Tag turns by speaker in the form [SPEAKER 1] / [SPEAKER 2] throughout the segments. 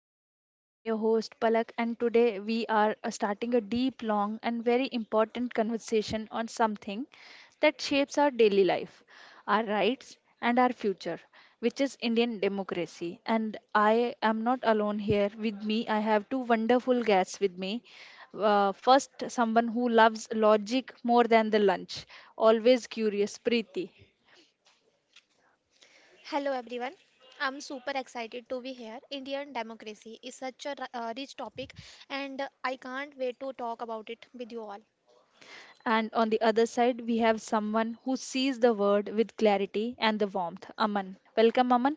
[SPEAKER 1] podcast. I'm your host, Palak, and today we are starting a deep, long, and very important conversation on something that shapes our daily life, our rights, and our future, which is Indian democracy. And I am not alone here. With me, I have two wonderful guests with me. First, someone who loves logic more than the lunch, always curious, Preeti.
[SPEAKER 2] Hello everyone. I'm super excited to be here. Indian democracy is such a rich topic and I can't wait to talk about it with you all.
[SPEAKER 1] And on the other side, we have someone who sees the word with clarity and the warmth. Aman. Welcome, Aman.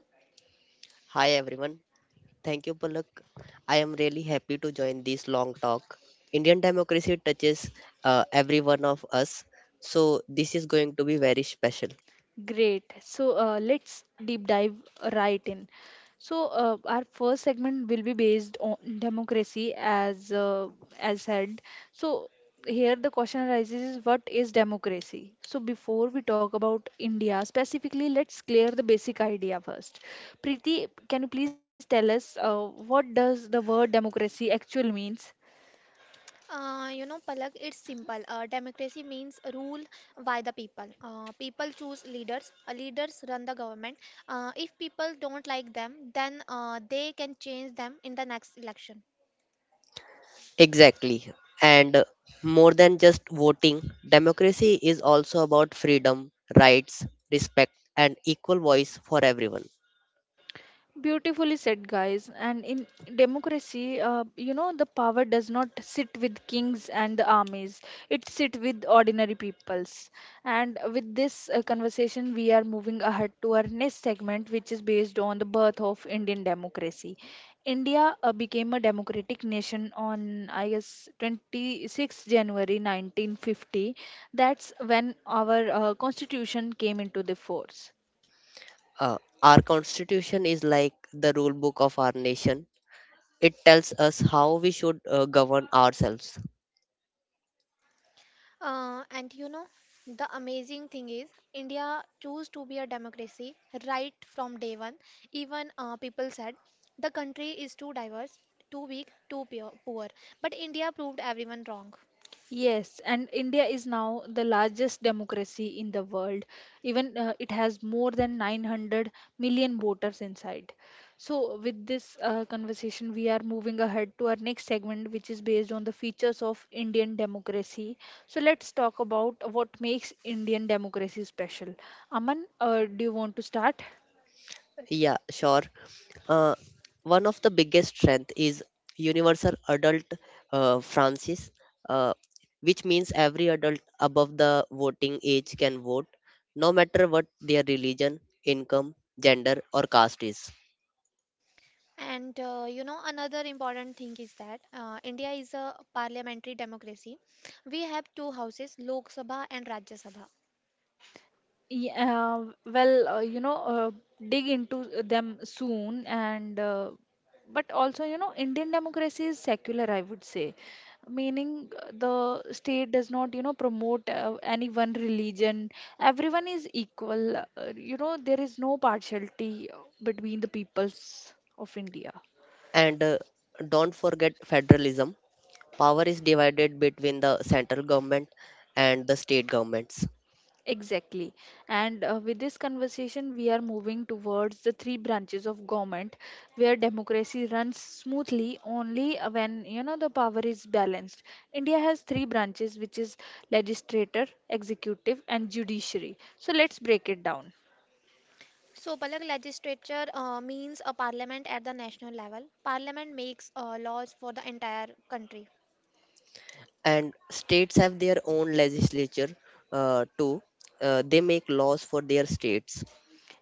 [SPEAKER 3] Hi everyone. Thank you, Palak. I am really happy to join this long talk. Indian democracy touches every one of us, so this is going to be very special.
[SPEAKER 1] Great. So let's deep dive right in. So our first segment will be based on democracy, as said. So here the question arises: is What is democracy? So before we talk about India specifically, let's clear the basic idea first. Preeti, can you please tell us what does the word democracy actually means?
[SPEAKER 2] You know, Palak, it's simple. Democracy means rule by the people. People choose leaders. Leaders run the government. If people don't like them, then they can change them in the next election.
[SPEAKER 3] Exactly. And more than just voting, democracy is also about freedom, rights, respect, and equal voice for everyone.
[SPEAKER 1] Beautifully said, guys. And in democracy, the power does not sit with kings and the armies. It sit with ordinary peoples. And with this conversation, we are moving ahead to our next segment, which is based on the birth of Indian democracy. India became a democratic nation on, I guess, 26 January 1950. That's when our constitution came into the force.
[SPEAKER 3] Our constitution is like the rule book of our nation. It tells us how we should govern ourselves.
[SPEAKER 2] And you know, the amazing thing is, India chose to be a democracy right from day one. Even people said the country is too diverse, too weak, too pure, poor. But India proved everyone wrong.
[SPEAKER 1] Yes, and India is now the largest democracy in the world. Even it has more than 900 million voters inside. So, with this conversation, we are moving ahead to our next segment, which is based on the features of Indian democracy. So, let's talk about what makes Indian democracy special. Aman, do you want to start?
[SPEAKER 3] Yeah, sure. Uh, One of the biggest strength is universal adult Francis, uh, which means every adult above the voting age can vote, no matter what their religion, income, gender, or caste is.
[SPEAKER 2] And you know, another important thing is that India is a parliamentary democracy. We have two houses, Lok Sabha and Rajya Sabha.
[SPEAKER 1] Yeah, well, dig into them soon, and but also, you know, Indian democracy is secular, I would say, meaning the state does not, you know, promote any one religion. Everyone is equal. There is no partiality between the peoples of India.
[SPEAKER 3] And don't forget federalism. Power is divided between the central government and the state governments.
[SPEAKER 1] Exactly. And with this conversation, we are moving towards the three branches of government where democracy runs smoothly only when you know the power is balanced. India has three branches, which is legislature, executive, and judiciary. So let's break it down.
[SPEAKER 2] So, Palak, legislature means a parliament at the national level. Parliament makes laws for the entire country.
[SPEAKER 3] And states have their own legislature too. They make laws for their states.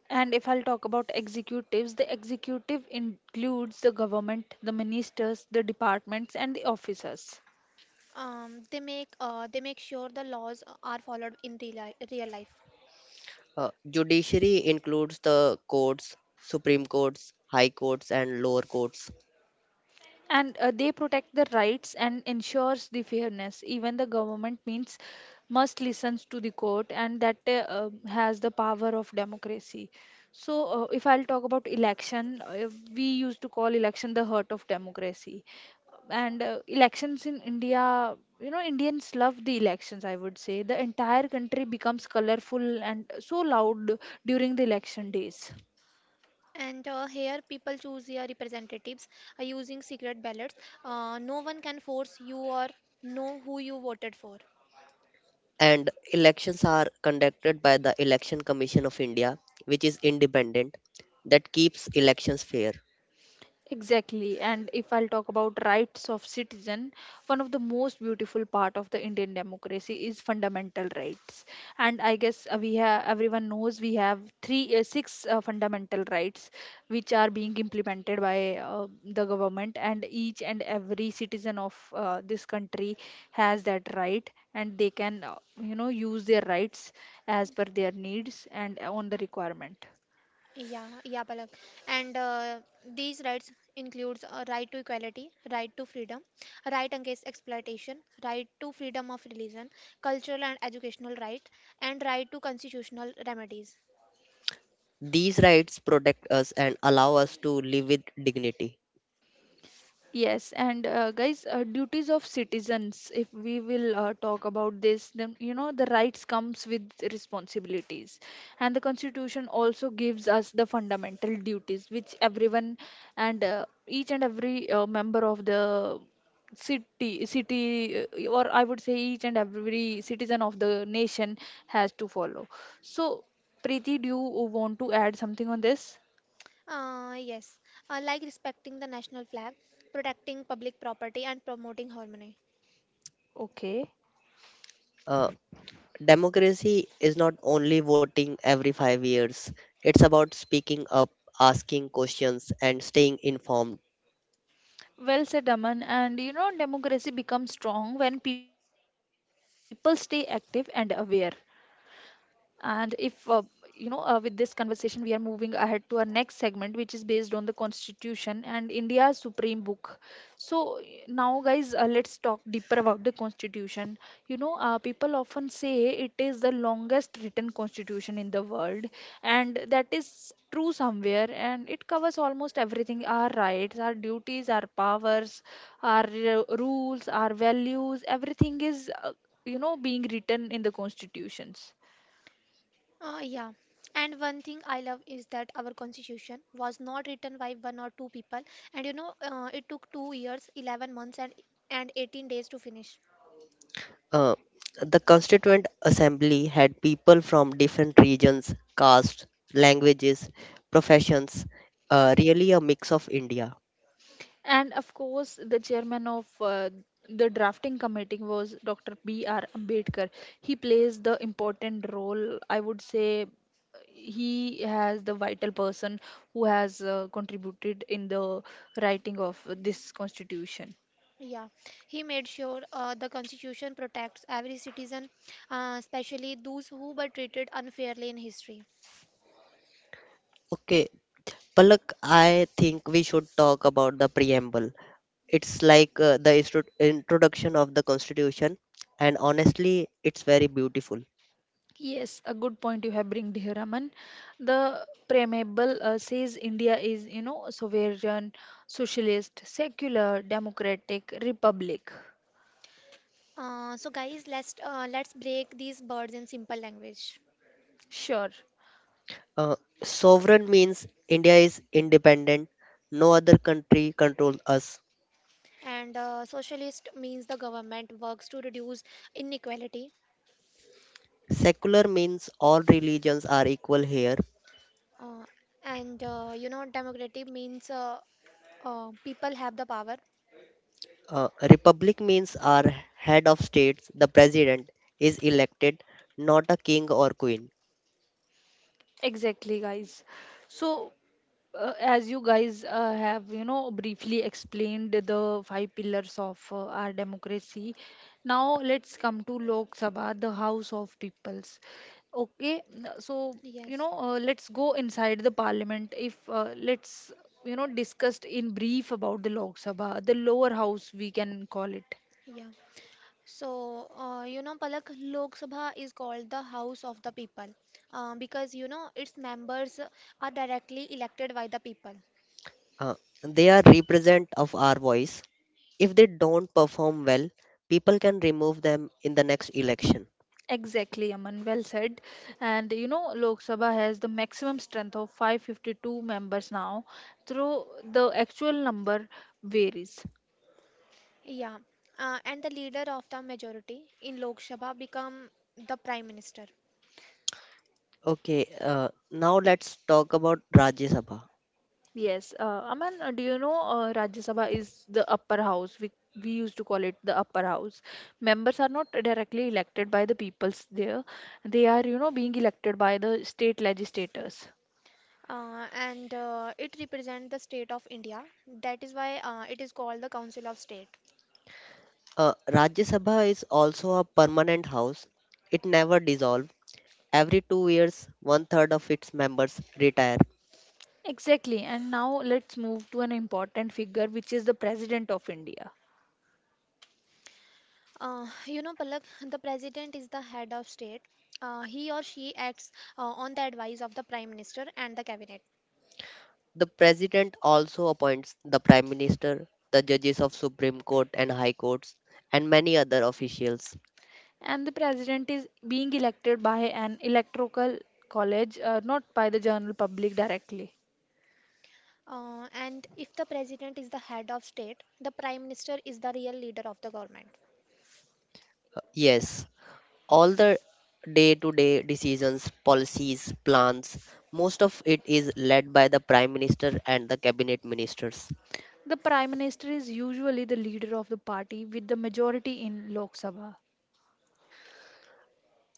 [SPEAKER 1] And if I'll talk about executives, the executive includes the government, the ministers, the departments, and the officers.
[SPEAKER 2] They make sure the laws are followed in real, real life.
[SPEAKER 3] Judiciary includes the courts, supreme courts, high courts, and lower courts.
[SPEAKER 1] And they protect the rights and ensures the fairness even the government means must listens to the court and that has the power of democracy. So if I'll talk about election, we used to call election the heart of democracy. And elections in India, you know, Indians love the elections, I would say. The entire country becomes colorful and so loud during the election days.
[SPEAKER 2] And here people choose their representatives using secret ballots. No one can force you or know who you voted for.
[SPEAKER 3] And elections are conducted by the Election Commission of India, which is independent, that keeps elections fair.
[SPEAKER 1] Exactly. And if I'll talk about rights of citizen, one of the most beautiful part of the Indian democracy is fundamental rights. And I guess we have everyone knows we have six fundamental rights which are being implemented by the government, and each and every citizen of this country has that right, and they can use their rights as per their needs and on the requirement.
[SPEAKER 2] Yeah, yeah, Palak. And these rights includes right to equality, right to freedom, right against exploitation, right to freedom of religion, cultural and educational right, and right to constitutional remedies.
[SPEAKER 3] These rights protect us and allow us to live with dignity.
[SPEAKER 1] Yes, and guys, duties of citizens. If we will talk about this, then you know the rights comes with responsibilities, and the Constitution also gives us the fundamental duties which everyone and each and every member of the or I would say each and every citizen of the nation has to follow. So, Preeti, do you want to add something on this?
[SPEAKER 2] Yes, like respecting the national flag, protecting public property, and promoting harmony.
[SPEAKER 1] Okay.
[SPEAKER 3] uh, Democracy is not only voting every 5 years, it's about speaking up, asking questions, and staying informed.
[SPEAKER 1] Well said, Aman. And you know, democracy becomes strong when people stay active and aware. And if you know, with this conversation, we are moving ahead to our next segment, which is based on the Constitution and India's Supreme Book. So now, guys, let's talk deeper about the Constitution. You know, people often say it is the longest written constitution in the world, and that is true somewhere. And it covers almost everything: our rights, our duties, our powers, our rules, our values. Everything is being written in the constitutions.
[SPEAKER 2] Yeah, and one thing I love is that our constitution was not written by one or two people, and you know, it took 2 years, 11 months, and 18 days to finish.
[SPEAKER 3] Uh, the Constituent Assembly had people from different regions, castes, languages, professions, really a mix of India.
[SPEAKER 1] And of course the chairman of the drafting committee was Dr. B R Ambedkar. He plays the important role, I would say. He has the vital person who has contributed in the writing of this constitution.
[SPEAKER 2] Yeah, he made sure the constitution protects every citizen, especially those who were treated unfairly in history.
[SPEAKER 3] Okay, Palak, I think we should talk about the preamble. It's like the introduction of the Constitution, and honestly, it's very beautiful.
[SPEAKER 1] Yes, a good point you have bring, dear Raman. The preamble says India is, you know, sovereign, socialist, secular, democratic republic.
[SPEAKER 2] So, guys, let's break these words in simple language.
[SPEAKER 1] Sure,
[SPEAKER 3] Uh, Sovereign means India is independent, no other country controls us.
[SPEAKER 2] And socialist means the government works to reduce inequality.
[SPEAKER 3] Secular means all religions are equal here.
[SPEAKER 2] Uh, and you know, democratic means people have the power.
[SPEAKER 3] Republic means our head of states, the president, is elected, not a king or queen.
[SPEAKER 1] exactly, guys. So, as you guys have, you know, briefly explained the five pillars of our democracy, now let's come to Lok Sabha, the House of Peoples. Okay, so, you
[SPEAKER 2] Yes.
[SPEAKER 1] know, let's go inside the parliament. If let's, you know, discussed in brief about the Lok Sabha, the lower house, we can call it.
[SPEAKER 2] Yeah. So you know, Palak, Lok Sabha is called the house of the people because you know its members are directly elected by the people.
[SPEAKER 3] Uh, they are represent of our voice. If they don't perform well, people can remove them in the next election.
[SPEAKER 1] Exactly, Aman. Well said. And you know, Lok Sabha has the maximum strength of 552 members now, though the actual number varies.
[SPEAKER 2] Yeah. And the leader of the majority in Lok Sabha become the prime minister.
[SPEAKER 3] Okay, now let's talk about Rajya Sabha.
[SPEAKER 1] Yes, Aman, do you know Rajya Sabha is the upper house? We used to call it the upper house. Members are not directly elected by the peoples there, they are, you know, being elected by the state legislators.
[SPEAKER 2] And it represents the state of India. That is why it is called the Council of State.
[SPEAKER 3] Rajya Sabha is also a permanent house. It never dissolves. Every 2 years, one third of its members retire.
[SPEAKER 1] Exactly, and now let's move to an important figure which is the President of India.
[SPEAKER 2] You know, Palak, the president is the head of state. He or she acts on the advice of the prime minister and the cabinet.
[SPEAKER 3] The president also appoints the prime minister, the judges of Supreme Court and High Courts, and many other officials.
[SPEAKER 1] And the president is being elected by an electoral college, not by the general public directly.
[SPEAKER 2] And if the president is the head of state, the prime minister is the real leader of the government.
[SPEAKER 3] Yes, all the day to day decisions, policies, plans, most of it is led by the prime minister and the cabinet ministers.
[SPEAKER 1] The prime minister is usually the leader of the party with the majority in Lok Sabha.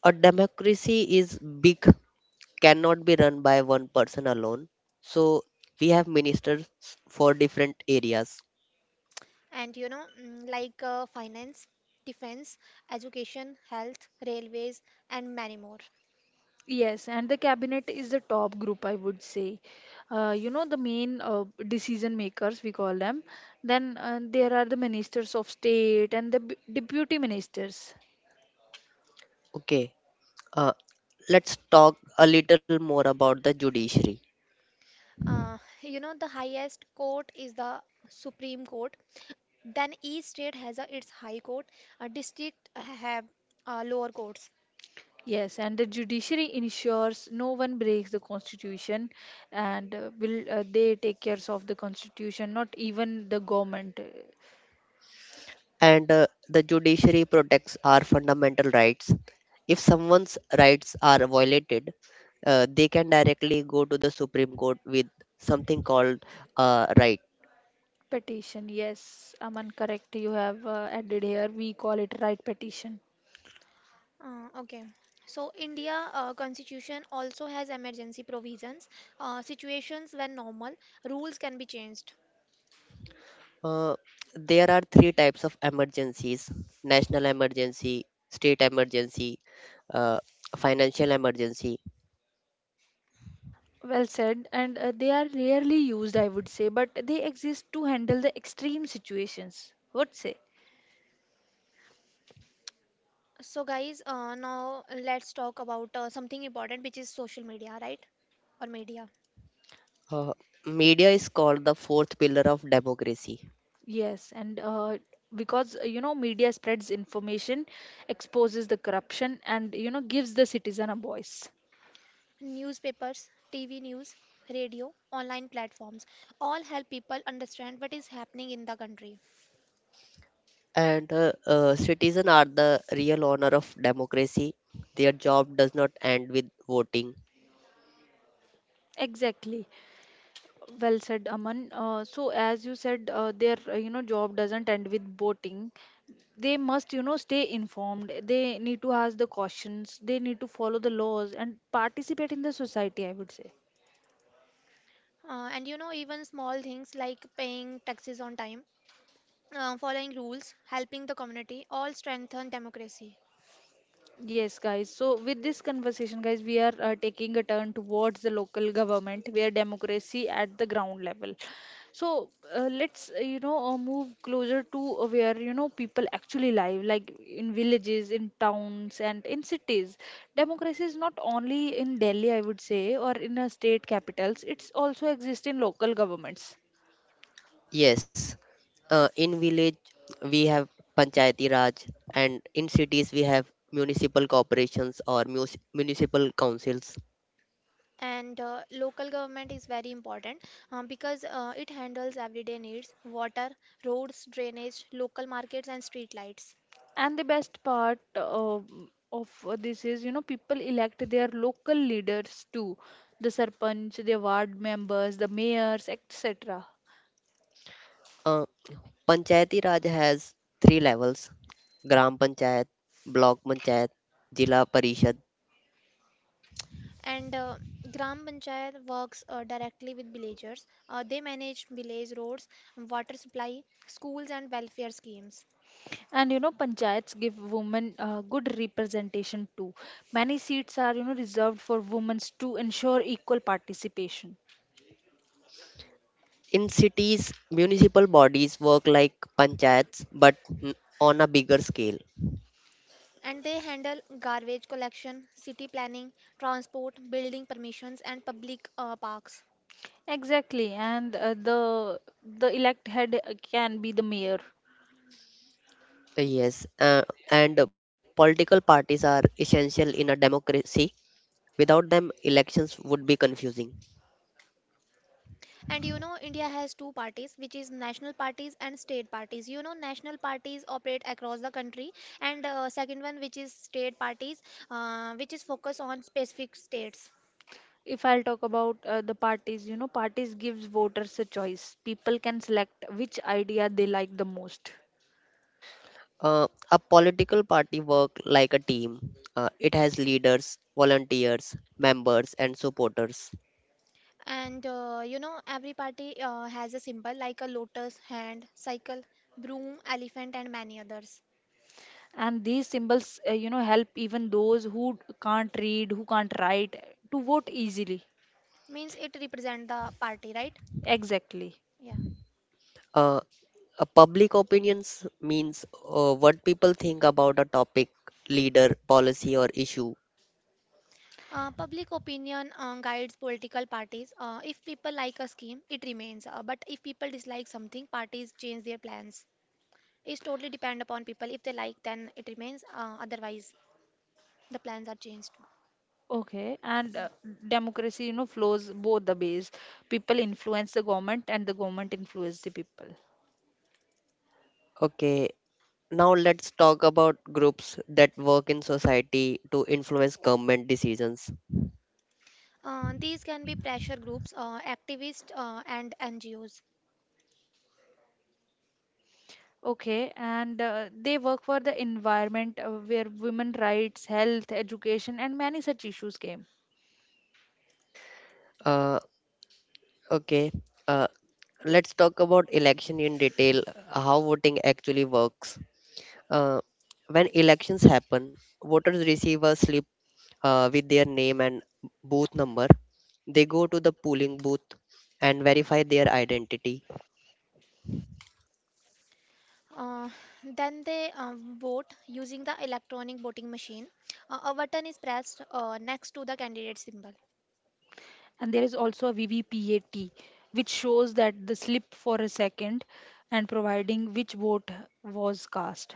[SPEAKER 3] A democracy is big cannot be run by one person alone. So we have ministers for different areas.
[SPEAKER 2] And you know, like finance, defense, education, health, railways, and many more.
[SPEAKER 1] Yes, and the cabinet is the top group, I would say. You know, the main decision makers, we call them. Then there are the ministers of state and the deputy ministers.
[SPEAKER 3] Okay, uh, let's talk a little more about the judiciary.
[SPEAKER 2] You know, the highest court is the Supreme Court. Then each state has its high court. A district have lower courts.
[SPEAKER 1] Yes, and the judiciary ensures no one breaks the constitution, and will they take cares of the constitution, not even the government.
[SPEAKER 3] And the judiciary protects our fundamental rights. If someone's rights are violated, they can directly go to the Supreme Court with something called right.
[SPEAKER 1] Petition, yes, Aman, correct. You have added here. We call it right petition.
[SPEAKER 2] Okay. So India constitution also has emergency provisions. Situations when normal rules can be changed.
[SPEAKER 3] Uh, there are three types of emergencies: national emergency, state emergency, uh, financial emergency.
[SPEAKER 1] Well said, and they are rarely used, I would say, but they exist to handle the extreme situations. What say?
[SPEAKER 2] So guys, now let's talk about something important, which is social media, right? Or media.
[SPEAKER 3] Uh, Media is called the fourth pillar of democracy,
[SPEAKER 1] Yes, and because you know media spreads information, exposes the corruption, and you know gives the citizen a voice.
[SPEAKER 2] Newspapers, TV news, radio, online platforms all help people understand what is happening in the country.
[SPEAKER 3] and citizens are the real honor of democracy. Their job does not end with voting.
[SPEAKER 1] Exactly. Well said, Aman. So as you said, their you know job doesn't end with boating. They must you know stay informed. They need to ask the questions. They need to follow the laws and participate in the society. I would say.
[SPEAKER 2] And you know, even small things like paying taxes on time, following rules, helping the community all strengthen democracy.
[SPEAKER 1] Yes, guys. So, with this conversation, guys, we are taking a turn towards the local government where democracy at the ground level. So, let's, move closer to where, you know, people actually live, like in villages, in towns, and in cities. Democracy is not only in Delhi, I would say, or in state capitals, it's also exists in local governments.
[SPEAKER 3] Yes, in village we have panchayati raj, and in cities we have municipal corporations or municipal councils.
[SPEAKER 2] And local government is very important, because it handles everyday needs: water, roads, drainage, local markets, and street lights.
[SPEAKER 1] And the best part of this is, you know, people elect their local leaders too, the sarpanch, the ward members, the mayors, etc.
[SPEAKER 3] Uh, Panchayati raj has three levels: gram panchayat, block panchayat, jila parishad.
[SPEAKER 2] And Gram Panchayat works directly with villagers. They manage village roads, water supply, schools, and welfare schemes.
[SPEAKER 1] And you know, panchayats give women good representation too. Many seats are, you know, reserved for women to ensure equal participation.
[SPEAKER 3] In cities, municipal bodies work like panchayats but n- on a bigger scale.
[SPEAKER 2] And they handle garbage collection, city planning, transport, building permissions, and public parks.
[SPEAKER 1] Exactly, and the elect head can be the mayor.
[SPEAKER 3] Yes, and political parties are essential in a democracy. Without them, elections would be confusing.
[SPEAKER 2] And you know, India has two parties, which is national parties and state parties. You know, national parties operate across the country, and second one, which is state parties, which is focused on specific states.
[SPEAKER 1] If I'll talk about the parties, you know parties gives voters a choice. People can select which idea they like the most.
[SPEAKER 3] A political party work like a team. It has leaders, volunteers, members, and supporters.
[SPEAKER 2] And you know, every party has a symbol like a lotus, hand, cycle, broom, elephant, and many others.
[SPEAKER 1] And these symbols you know help even those who can't read who can't write to vote easily.
[SPEAKER 2] Means it represents the party, right?
[SPEAKER 1] Exactly.
[SPEAKER 2] Yeah.
[SPEAKER 3] Uh, a public opinions means what people think about a topic, leader, policy, or issue.
[SPEAKER 2] Public opinion guides political parties. If people like a scheme, it remains. But if people dislike something, parties change their plans. It's totally depend upon people. If they like, then it remains. Otherwise, the plans are changed.
[SPEAKER 1] Okay, and
[SPEAKER 2] Mm.
[SPEAKER 1] democracy you know flows both the ways. People influence the government and the government influence the people.
[SPEAKER 3] Okay, now let's talk about groups that work in society to influence government decisions.
[SPEAKER 2] These can be pressure groups, activists, and NGOs.
[SPEAKER 1] Okay, and they work for the environment where women rights, health, education, and many such issues came.
[SPEAKER 3] Uh, okay, uh, let's talk about election in detail, how voting actually works. Uh, when elections happen, voters receive a slip with their name and booth number. They go to the polling booth and verify their identity.
[SPEAKER 2] Uh, then they vote using the electronic voting machine. A button is pressed next to the candidate symbol.
[SPEAKER 1] And there is also a VVPAT, which shows that the slip for a second and providing which vote was cast.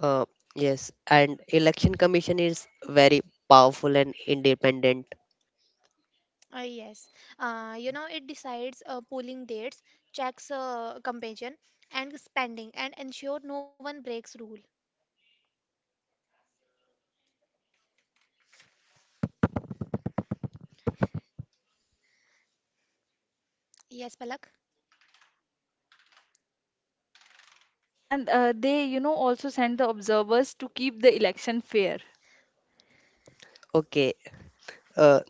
[SPEAKER 3] Uh, yes, and election commission is very powerful and independent.
[SPEAKER 2] Yes, you know it decides polling dates, checks campaign and spending, and ensure no one breaks rule. Yes, Palak.
[SPEAKER 1] And they, you know, also send the observers to keep the election fair.
[SPEAKER 3] Okay, uh,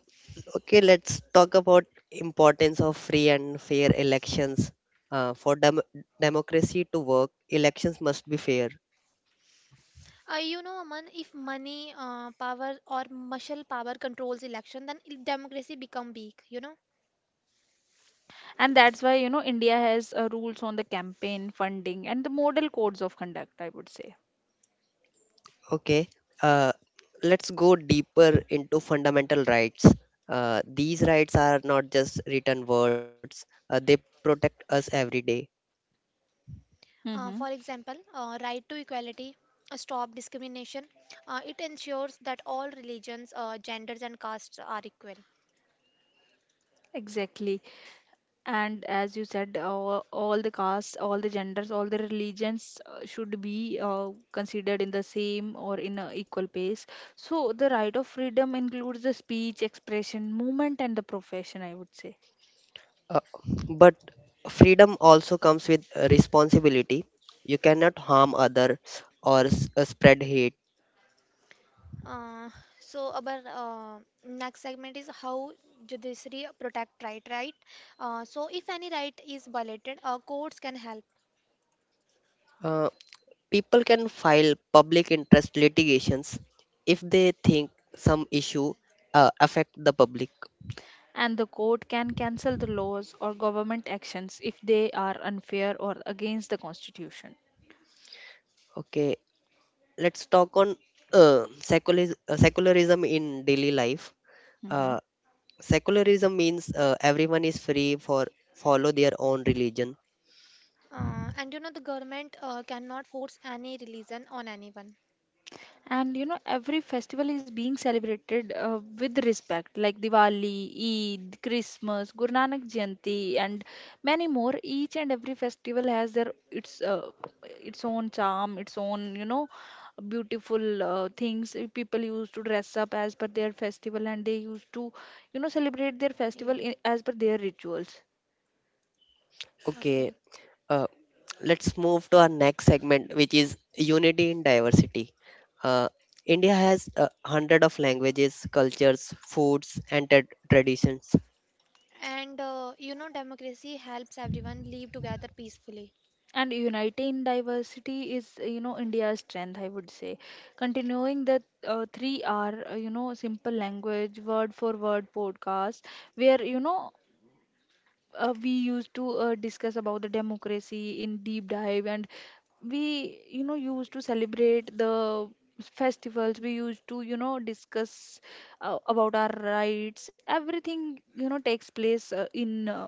[SPEAKER 3] Okay, let's talk about importance of free and fair elections. For democracy to work, elections must be fair.
[SPEAKER 2] You know, Aman, if money, power, or muscle power controls election, then democracy become weak. You know.
[SPEAKER 1] And that's why, you know, India has rules on the campaign funding and the model codes of conduct, I would say.
[SPEAKER 3] Okay, uh, let's go deeper into fundamental rights. These rights are not just written words; they protect us every day.
[SPEAKER 2] For
[SPEAKER 1] Hmm.
[SPEAKER 2] example, right to equality, stop discrimination. It ensures that all religions, genders, and castes are equal.
[SPEAKER 1] Exactly. And as you said, all the castes, all the genders, all the religions should be considered in the same or in a equal pace. So the right of freedom includes the speech, expression, movement, and the profession, I would say.
[SPEAKER 3] Uh, but freedom also comes with responsibility. You cannot harm other or spread hate.
[SPEAKER 2] Uh, so our next segment is how judiciary protect right. So if any right is violated, courts can help.
[SPEAKER 3] Uh, People can file public interest litigations if they think some issue affect the public.
[SPEAKER 1] And the court can cancel the laws or government actions if they are unfair or against the constitution.
[SPEAKER 3] Okay, let's talk on uh, secularism in daily life.
[SPEAKER 1] Hmm.
[SPEAKER 3] Uh, Secularism means everyone is free for follow their own religion.
[SPEAKER 2] And you know the government cannot force any religion on anyone.
[SPEAKER 1] And you know, every festival is being celebrated with respect, like Diwali, Eid, Christmas, Guru Nanak Jayanti, and many more. Each and every festival has their its own charm, its own, you know, beautiful things. People used to dress up as per their festival, and they used to, you know, celebrate their festival
[SPEAKER 2] Yeah.
[SPEAKER 1] in, as per their rituals.
[SPEAKER 3] Okay,
[SPEAKER 2] Okay,
[SPEAKER 3] uh, let's move to our next segment, which is unity in diversity. Uh, India has 100 of languages, cultures, foods, and traditions.
[SPEAKER 2] and you know democracy helps everyone live together peacefully.
[SPEAKER 1] And uniting in diversity is, you know, India's strength, I would say. Continuing the three R, you know, simple language, word for word podcast, where, you know, we used to discuss about the democracy in deep dive, and we, you know, used to celebrate the festivals. We used to, you know, discuss about our rights. Everything, you know, takes place in,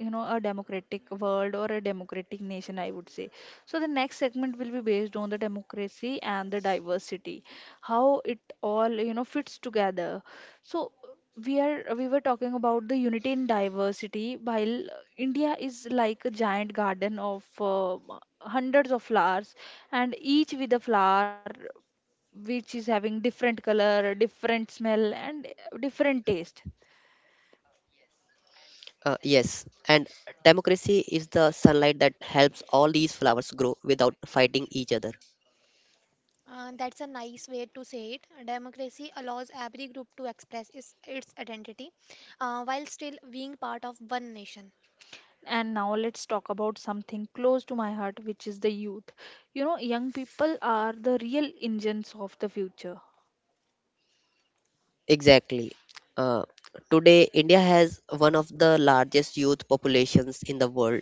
[SPEAKER 1] you know, a democratic world or a democratic nation, I would say. So the next segment will be based on the democracy and the diversity, how it all, you know, fits together. So we were talking about the unity in diversity. While India is like a giant garden of hundreds of flowers, and each with a flower which is having different color, different smell, and different taste.
[SPEAKER 3] Yes, and democracy is the sunlight that helps all these flowers grow without fighting each other.
[SPEAKER 2] That's a nice way to say it. Democracy allows every group to express its identity while still being part of one nation.
[SPEAKER 1] And now let's talk about something close to my heart, which is the youth. You know, young people are the real engines of the future.
[SPEAKER 3] Exactly. Uh, Today, India has one of the largest youth populations in the world.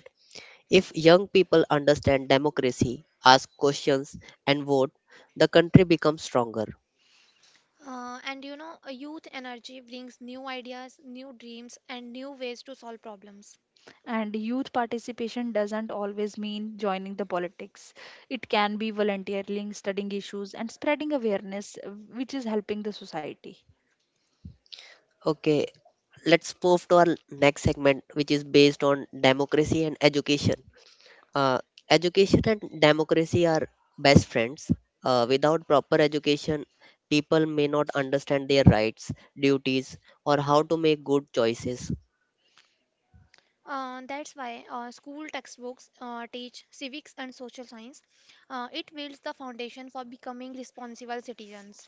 [SPEAKER 3] If young people understand democracy, ask questions, and vote, the country becomes stronger.
[SPEAKER 2] And you know, a youth energy brings new ideas, new dreams, and new ways to solve problems.
[SPEAKER 1] And youth participation doesn't always mean joining the politics. It can be volunteering, studying issues, and spreading awareness, which is helping the society.
[SPEAKER 3] Okay, let's move to our next segment, which is based on democracy and education. Uh, Education and democracy are best friends. Without proper education, people may not understand their rights, duties, or how to make good choices.
[SPEAKER 2] That's why school textbooks teach civics and social science. It builds the foundation for becoming responsible citizens.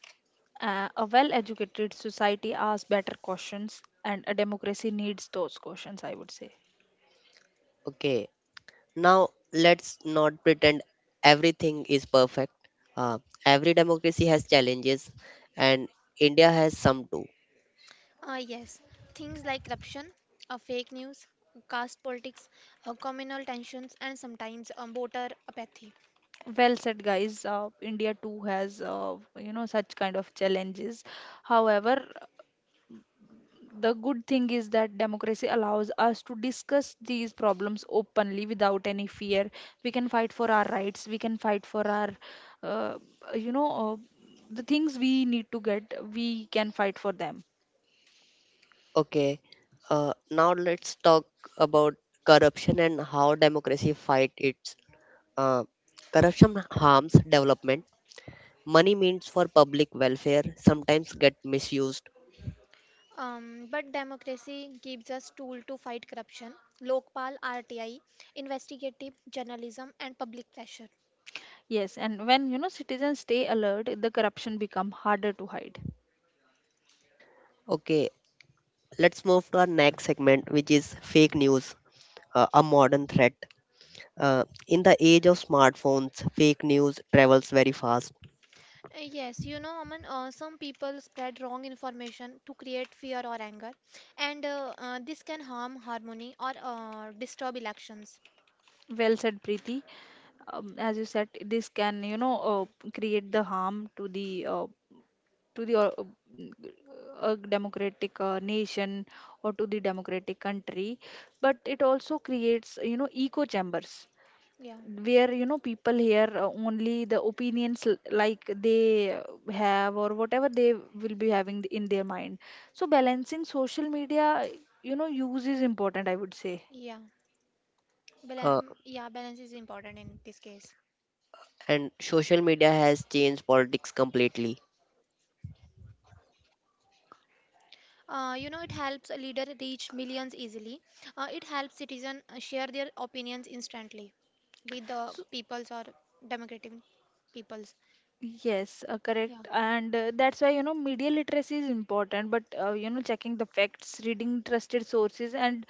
[SPEAKER 1] A well educated society asks better questions, and a democracy needs those questions, I would say.
[SPEAKER 3] Okay, now let's not pretend everything is perfect. Uh, every democracy has challenges, and India has some too.
[SPEAKER 2] Ah, yes, things like corruption, fake news, caste politics, communal tensions, and sometimes voter apathy.
[SPEAKER 1] Well said, guys. India too has, you know, such kind of challenges. However, the good thing is that democracy allows us to discuss these problems openly without any fear. We can fight for our rights, we can fight for our, uh, you know, the things we need to get, we can fight for them.
[SPEAKER 3] Okay, now let's talk about corruption and how democracy fight it. uh, Corruption harms development. Money means for public welfare sometimes get misused.
[SPEAKER 2] But democracy gives us tool to fight corruption. Lokpal, RTI, investigative journalism, and public pressure.
[SPEAKER 1] Yes, and when, you know, citizens stay alert, the corruption become harder to hide.
[SPEAKER 3] Okay, let's move to our next segment, which is fake news, a modern threat. In the age of smartphones, fake news travels very fast.
[SPEAKER 2] Yes, you know, Aman, some people spread wrong information to create fear or anger, and this can harm harmony or disturb elections.
[SPEAKER 1] Well said, Preeti. As you said, this can, you know, create the harm to the to the uh, a democratic nation or to the democratic country. But it also creates, you know, echo chambers
[SPEAKER 2] Yeah,
[SPEAKER 1] where, you know, people hear, only the opinions like they have, or whatever they will be having in their mind. So balancing social media, you know, use is important, I would say.
[SPEAKER 2] yeah,
[SPEAKER 3] uh,
[SPEAKER 2] Balance is important in this case.
[SPEAKER 3] and social media has changed politics completely.
[SPEAKER 2] You know, it helps a leader reach millions easily. It helps citizens share their opinions instantly with the peoples or democratic peoples.
[SPEAKER 1] Yes,
[SPEAKER 2] Yeah.
[SPEAKER 1] correct. And that's why, you know, media literacy is important, but, you know, checking the facts, reading trusted sources, and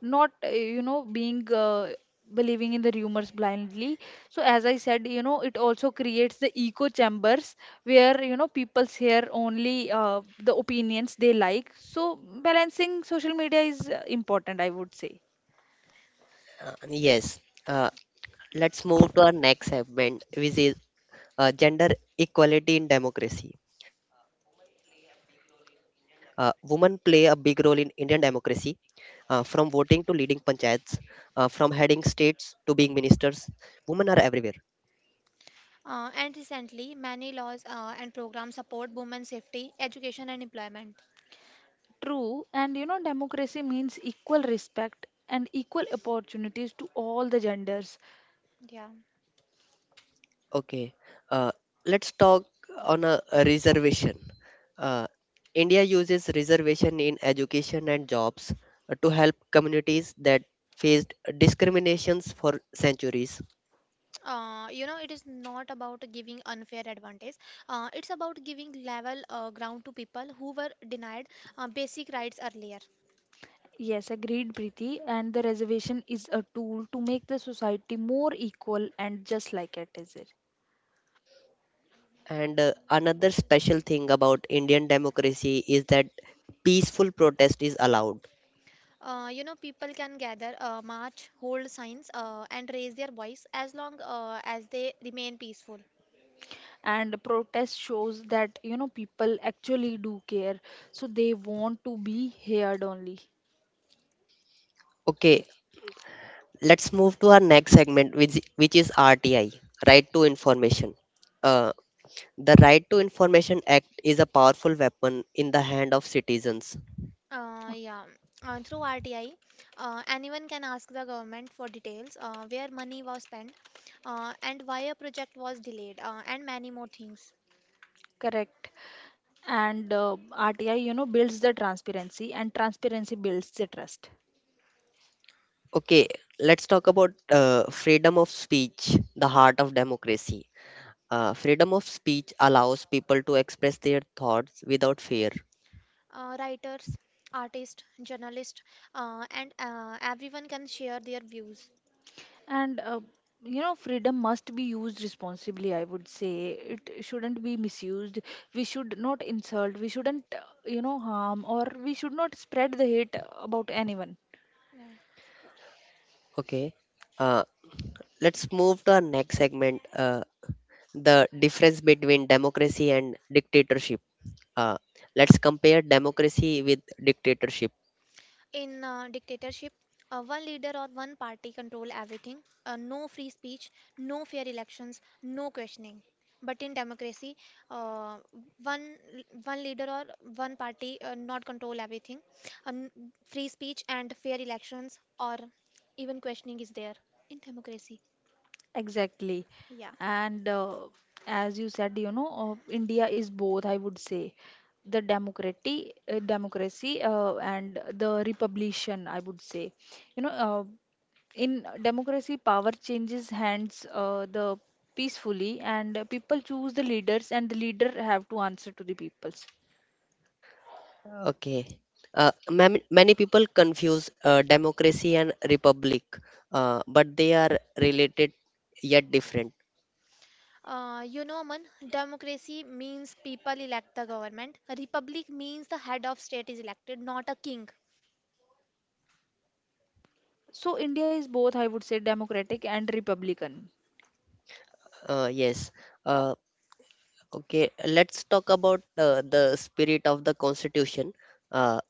[SPEAKER 1] not, you know, being believing in the rumors blindly. So, as I said, you know, it also creates the echo chambers where, you know, people share only the opinions they like. So, balancing social media is important, I would say.
[SPEAKER 3] Yes. uh, let's move to our next segment, which is gender equality in democracy. Women play a big role in Indian democracy, from voting to leading panchayats, from heading states to being ministers. Women are everywhere.
[SPEAKER 2] And recently, many laws and programs support women's safety, education, and employment.
[SPEAKER 1] True, and you know, democracy means equal respect and equal opportunities to all the genders.
[SPEAKER 2] Yeah.
[SPEAKER 3] Okay, uh, let's talk on a reservation. Uh, India uses reservation in education and jobs to help communities that faced discriminations for centuries.
[SPEAKER 2] You know, it is not about giving unfair advantage. It's about giving level ground to people who were denied basic rights earlier.
[SPEAKER 1] Yes, agreed, Preeti. And the reservation is a tool to make the society more equal and just like it is. It.
[SPEAKER 3] And another special thing about Indian democracy is that peaceful protest is allowed.
[SPEAKER 2] You know, people can gather, march, hold signs, and raise their voice as long as they remain peaceful.
[SPEAKER 1] And protest shows that, you know, people actually do care. So they want to be heard only.
[SPEAKER 3] Okay, let's move to our next segment, which is RTI, right to information. uh, the right to information act is a powerful weapon in the hand of citizens.
[SPEAKER 1] Oh.
[SPEAKER 2] Yeah, through RTI, anyone can ask the government for details, where money was spent, and why a project was delayed, and many more things.
[SPEAKER 1] Correct. And RTI, you know, builds the transparency, and transparency builds the trust.
[SPEAKER 3] Okay, let's talk about freedom of speech, the heart of democracy. Freedom of speech allows people to express their thoughts without fear.
[SPEAKER 2] Writers, artists, journalists, and everyone can share their views.
[SPEAKER 1] And you know, freedom must be used responsibly, I would say. It shouldn't be misused. We should not insult, we shouldn't, you know, harm, or we should not spread the hate about anyone.
[SPEAKER 2] Yeah.
[SPEAKER 3] Okay, uh, let's move to our next segment, the difference between democracy and dictatorship. Uh, let's compare democracy with dictatorship.
[SPEAKER 2] In dictatorship, one leader or one party control everything. No free speech, no fair elections, no questioning. But in democracy, uh, one one leader or one party not control everything. Um, Free speech and fair elections or even questioning is there in democracy.
[SPEAKER 1] Exactly.
[SPEAKER 2] Yeah.
[SPEAKER 1] And as you said, you know, India is both, I would say. The democracy, and the republication, I would say. You know, in democracy power changes hands the peacefully, and people choose the leaders, and the leader have to answer to the peoples.
[SPEAKER 3] Okay. Many people confuse democracy and republic, but they are related yet different.
[SPEAKER 2] You know, man, democracy means people elect the government. Republic means the head of state is elected, not a king.
[SPEAKER 1] So India is both, I would say, democratic and republican.
[SPEAKER 3] Yes. Uh, Okay, let's talk about the spirit of the Constitution. Uh,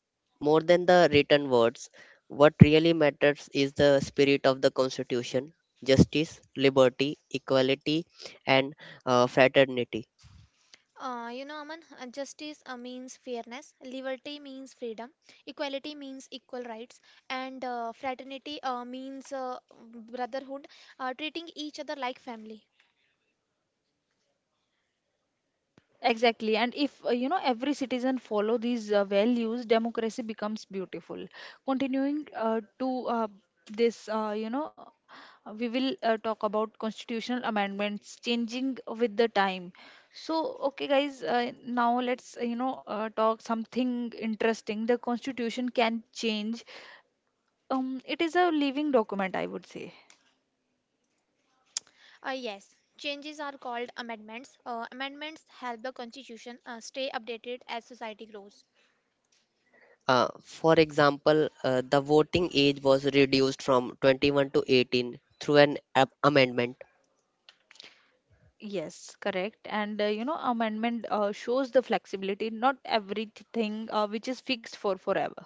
[SPEAKER 3] More than the written words, what really matters is the spirit of the Constitution: justice, liberty, equality, and fraternity.
[SPEAKER 2] You know, Aman, justice means fairness, liberty means freedom, equality means equal rights, and fraternity means brotherhood, treating each other like family.
[SPEAKER 1] Exactly. And if, you know, every citizen follow these values, democracy becomes beautiful. Continuing to this, we will talk about constitutional amendments changing with the time. So, okay, guys, now let's, talk something interesting. The constitution can change. It is a living document, I would say.
[SPEAKER 2] Yes, changes are called amendments. Amendments help the constitution stay updated as society grows.
[SPEAKER 3] For example, the voting age was reduced from 21 to 18 through an amendment.
[SPEAKER 1] Yes, correct. And you know, amendment shows the flexibility, not everything which is fixed for forever.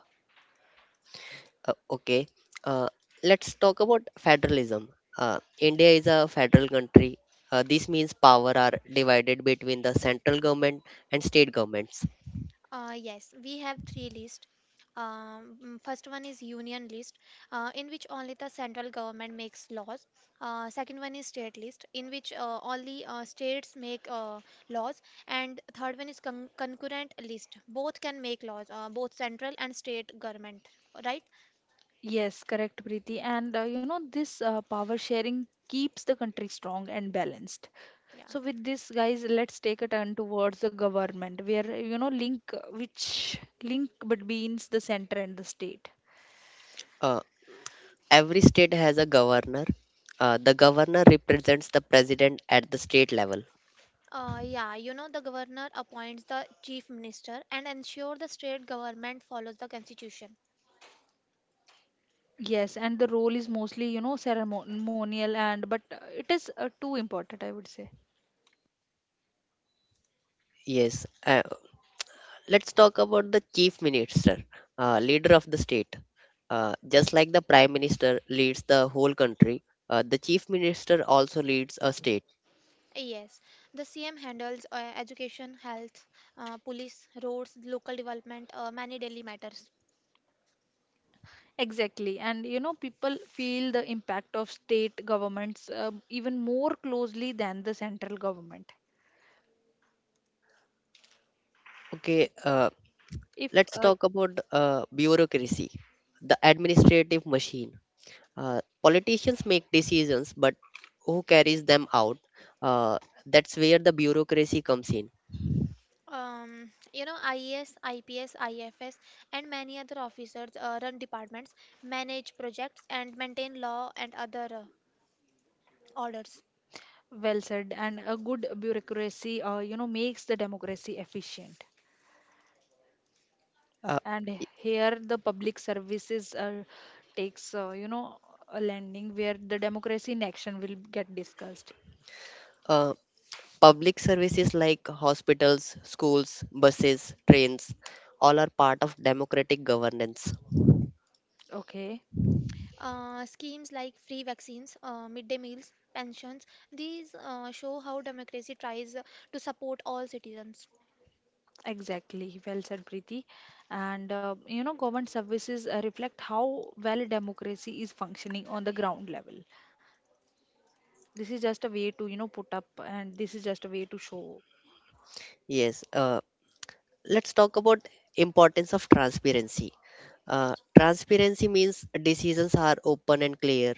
[SPEAKER 3] Okay. Uh, let's talk about federalism. India is a federal country. This means power are divided between the central government and state governments.
[SPEAKER 2] Yes, we have three lists. First one is union list, in which only the central government makes laws. Second one is state list, in which only states make laws. And third one is concurrent list. Both can make laws, both central and state government, right?
[SPEAKER 1] Yes, correct, Preeti. And you know, this power sharing keeps the country strong and balanced.
[SPEAKER 2] Yeah.
[SPEAKER 1] So, with this, guys, let's take a turn towards the government, where, you know, link between the center and the state.
[SPEAKER 3] Uh, every state has a governor. The governor represents the president at the state level.
[SPEAKER 2] Yeah, you know, the governor appoints the chief minister and ensure the state government follows the constitution.
[SPEAKER 1] Yes, and the role is mostly, you know, ceremonial, and but it is too important, I would say.
[SPEAKER 3] Yes. Let's talk about the chief minister, leader of the state. Just like the prime minister leads the whole country, the chief minister also leads a state.
[SPEAKER 2] Yes, the CM handles education, health, police, roads, local development, many daily matters.
[SPEAKER 1] Exactly. And you know, people feel the impact of state governments even more closely than the central government.
[SPEAKER 3] Okay, uh,
[SPEAKER 1] If
[SPEAKER 3] Let's talk about bureaucracy, the administrative machine. Politicians make decisions, but who carries them out? Uh, that's where the bureaucracy comes in.
[SPEAKER 2] You know, IES, IPS, IFS, and many other officers run departments, manage projects, and maintain law and other orders.
[SPEAKER 1] well said, and a good bureaucracy, you know, makes the democracy efficient.
[SPEAKER 3] Uh,
[SPEAKER 1] And here, the public services takes, you know, a landing where the democracy in action will get discussed.
[SPEAKER 3] uh, Public services like hospitals, schools, buses, trains, all are part of democratic governance.
[SPEAKER 1] Okay.
[SPEAKER 2] Schemes like free vaccines, midday meals, pensions, these show how democracy tries to support all citizens.
[SPEAKER 1] Exactly, well said, Preeti. And you know, government services reflect how well democracy is functioning on the ground level. This is just a way to, you know, put up, and this is just a way to show.
[SPEAKER 3] Yes, let's talk about importance of transparency. Transparency means decisions are open and clear.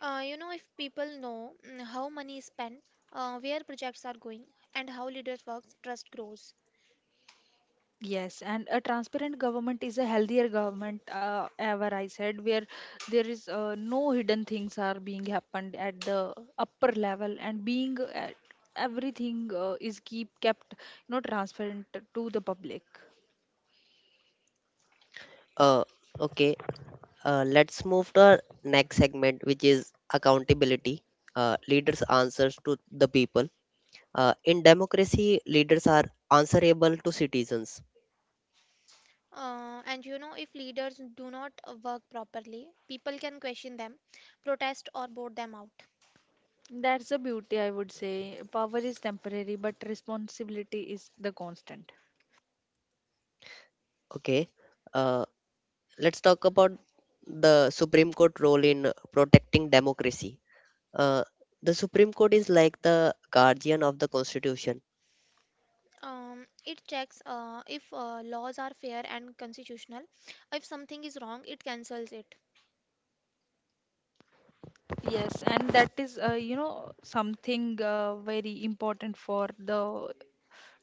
[SPEAKER 2] You know, if people know how money is spent, where projects are going, and how leaders work, trust grows.
[SPEAKER 1] Yes, and a transparent government is a healthier government, ever I said, where there is no hidden things are being happened at the upper level, and being at everything is keep kept, you know, transparent to the public.
[SPEAKER 3] Uh, okay. Let's move to our next segment, which is accountability. Leaders' answers to the people. In democracy, leaders are answerable to citizens.
[SPEAKER 2] And you know, if leaders do not work properly, people can question them, protest, or vote them out.
[SPEAKER 1] That's the beauty, I would say. Power is temporary, but responsibility is the constant.
[SPEAKER 3] Okay. Uh, let's talk about the Supreme Court role in protecting democracy. Uh, the Supreme Court is like the guardian of the Constitution.
[SPEAKER 2] It checks if laws are fair and constitutional. If something is wrong, it cancels it.
[SPEAKER 1] Yes, and that is, you know, something very important for the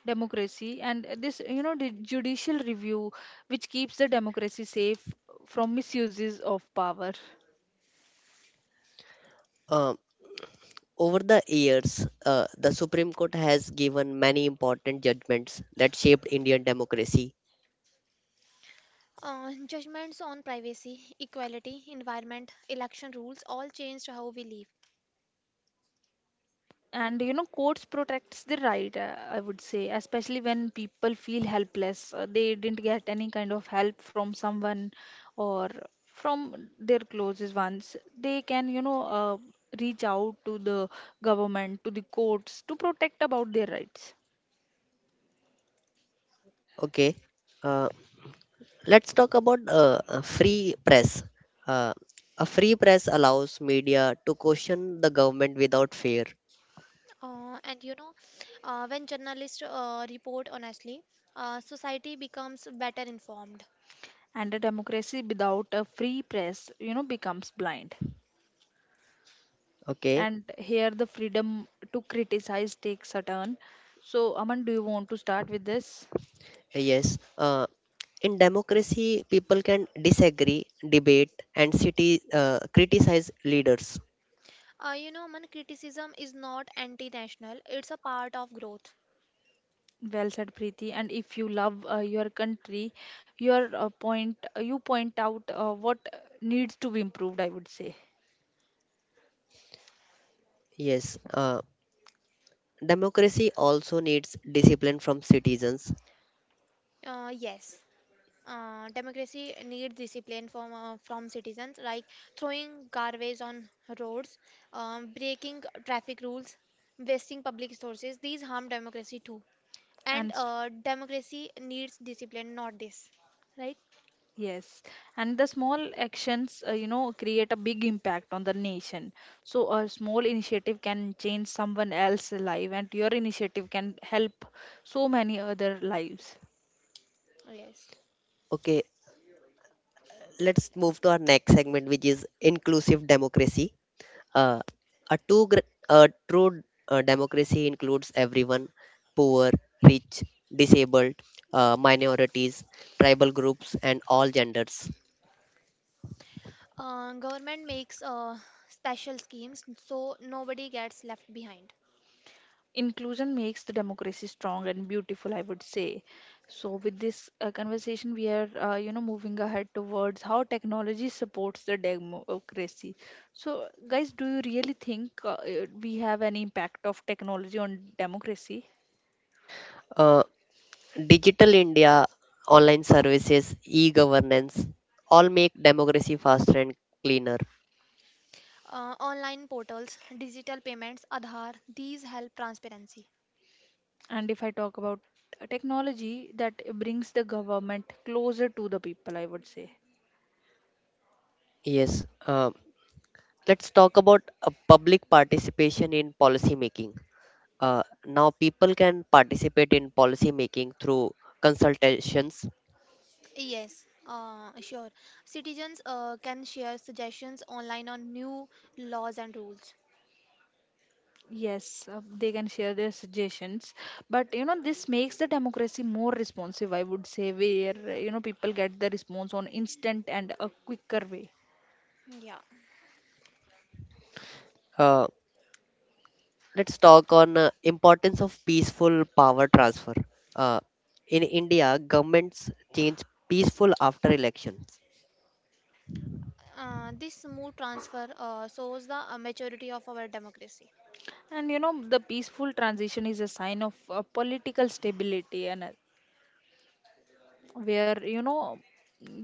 [SPEAKER 1] democracy. And this, you know, the judicial review, which keeps the democracy safe from misuses of power.
[SPEAKER 3] Um, Over the years, the Supreme Court has given many important judgments that shaped Indian democracy.
[SPEAKER 2] Judgments on privacy, equality, environment, election rules all changed how we live.
[SPEAKER 1] And you know, courts protects the right, I would say, especially when people feel helpless, they didn't get any kind of help from someone or from their closest ones. They can, you know, reach out to the government, to the courts, to protect about their rights.
[SPEAKER 3] Okay. Uh, Let's talk about a free press. Uh, a free press allows media to question the government without fear.
[SPEAKER 2] And you know, when journalists report honestly, society becomes better informed.
[SPEAKER 1] And a democracy without a free press, you know, becomes blind.
[SPEAKER 3] Okay,
[SPEAKER 1] And here the freedom to criticize takes a turn. So, Aman, do you want to start with this?
[SPEAKER 3] yes. In democracy, people can disagree, debate, and criticize leaders.
[SPEAKER 2] You know, man, criticism is not anti-national; it's a part of growth.
[SPEAKER 1] Well said, Preeti. And if you love your country, your point, you point out what needs to be improved, I would say.
[SPEAKER 3] Yes. Democracy also needs discipline from citizens.
[SPEAKER 2] Yes, democracy needs discipline from citizens, like throwing garbage on roads, breaking traffic rules, wasting public resources. These harm democracy too,
[SPEAKER 1] and
[SPEAKER 2] and
[SPEAKER 1] s-
[SPEAKER 2] democracy needs discipline, not this.
[SPEAKER 1] yes, and the small actions, you know, create a big impact on the nation. So a small initiative can change someone else's life, and your initiative can help so many other lives.
[SPEAKER 2] Yes.
[SPEAKER 3] Okay, let's move to our next segment, which is inclusive democracy. Uh, a true democracy includes everyone: poor, rich, disabled, minorities, tribal groups, and all genders.
[SPEAKER 2] Government makes special schemes so nobody gets left behind.
[SPEAKER 1] Inclusion makes the democracy strong and beautiful, I would say. So with this conversation, we are, you know, moving ahead towards how technology supports the democracy. So guys, do you really think we have any impact of technology on democracy?
[SPEAKER 3] Uh, Digital India, online services, e governance all make democracy faster and cleaner.
[SPEAKER 2] Online portals, digital payments, Aadhaar, these help transparency.
[SPEAKER 1] And if I talk about, technology that brings the government closer to the people, I would say.
[SPEAKER 3] Yes. Let's talk about public participation in policy making. Now people can participate in policy making through consultations,
[SPEAKER 2] Yes, sure. Citizens can share suggestions online on new laws and rules.
[SPEAKER 1] Yes, they can share their suggestions, but you know, this makes the democracy more responsive, I would say, where you know, people get the response on instant and a quicker way.
[SPEAKER 2] Yeah.
[SPEAKER 3] uh, let's talk on importance of peaceful power transfer. Uh, in India, governments change peaceful after elections.
[SPEAKER 2] This smooth transfer shows the maturity of our democracy.
[SPEAKER 1] And you know, the peaceful transition is a sign of political stability, and where, you know,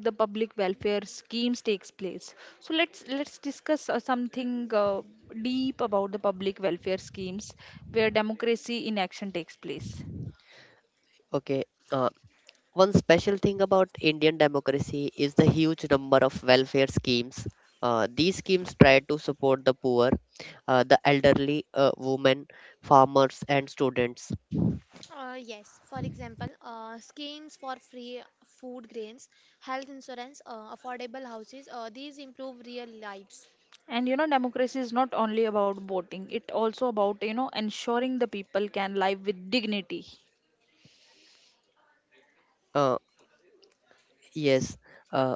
[SPEAKER 1] the public welfare schemes takes place. So let's discuss something deep about the public welfare schemes where democracy in action takes place.
[SPEAKER 3] Okay. Uh, One special thing about Indian democracy is the huge number of welfare schemes. These schemes try to support the poor, the elderly, women, farmers, and students.
[SPEAKER 2] Yes, for example, schemes for free food grains, health insurance, affordable houses, these improve real lives.
[SPEAKER 1] And you know, democracy is not only about voting, it also about, you know, ensuring the people can live with dignity.
[SPEAKER 3] Uh, yes. uh,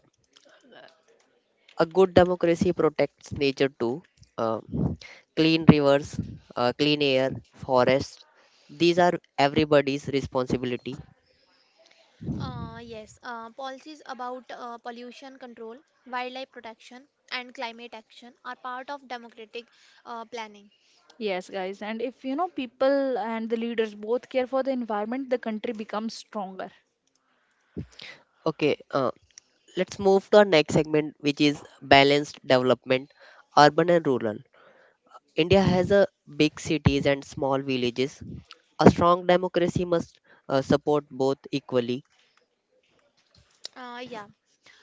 [SPEAKER 3] a good democracy protects nature too. Uh, Clean rivers, clean air, forests. These are everybody's responsibility.
[SPEAKER 2] Yes, policies about pollution control, wildlife protection, and climate action are part of democratic planning.
[SPEAKER 1] Yes, guys. And if, you know, people and the leaders both care for the environment, the country becomes stronger.
[SPEAKER 3] Okay, let's move to our next segment, which is balanced development, urban and rural. India has a big cities and small villages. A strong democracy must support both equally.
[SPEAKER 2] Yeah,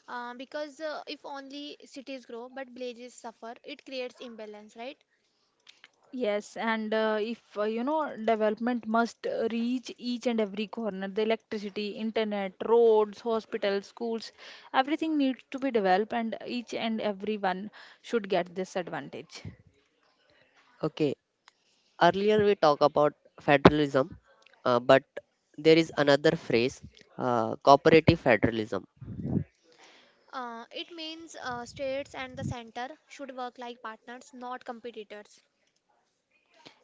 [SPEAKER 2] because if only cities grow but villages suffer, it creates imbalance, right?
[SPEAKER 1] Yes, and if, you know, development must reach each and every corner, the electricity, internet, roads, hospitals, schools, everything needs to be developed, and each and everyone should get this advantage.
[SPEAKER 3] Okay, earlier we talked about federalism, but there is another phrase, cooperative federalism.
[SPEAKER 2] It means states and the center should work like partners, not competitors.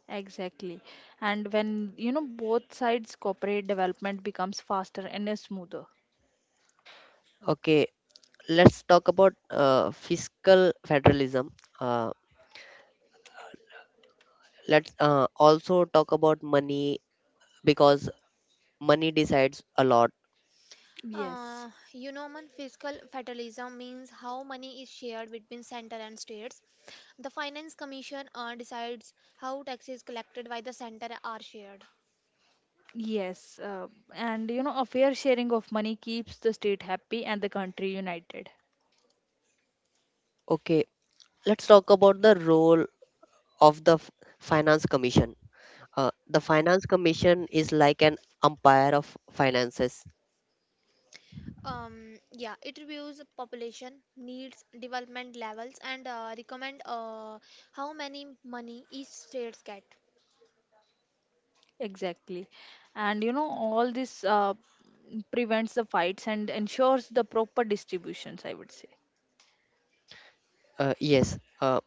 [SPEAKER 1] Exactly. And when, you know, both sides cooperate, development becomes faster and smoother.
[SPEAKER 3] Okay, let's talk about fiscal federalism. Uh, let's also talk about money because money decides a lot.
[SPEAKER 1] Yes.
[SPEAKER 2] Man, fiscal fatalism means how money is shared between center and states. The Finance Commission decides how taxes collected by the center are shared.
[SPEAKER 1] Yes. And, you know, a fair sharing of money keeps the state happy and the country united.
[SPEAKER 3] Okay, let's talk about the role of the Finance Commission. The Finance Commission is like an umpire of finances.
[SPEAKER 2] Yeah, it reviews population needs, development levels, and recommend how many money each states get.
[SPEAKER 1] Exactly. And, you know, all this prevents the fights and ensures the proper distributions, I would say.
[SPEAKER 3] Uh, yes, uh,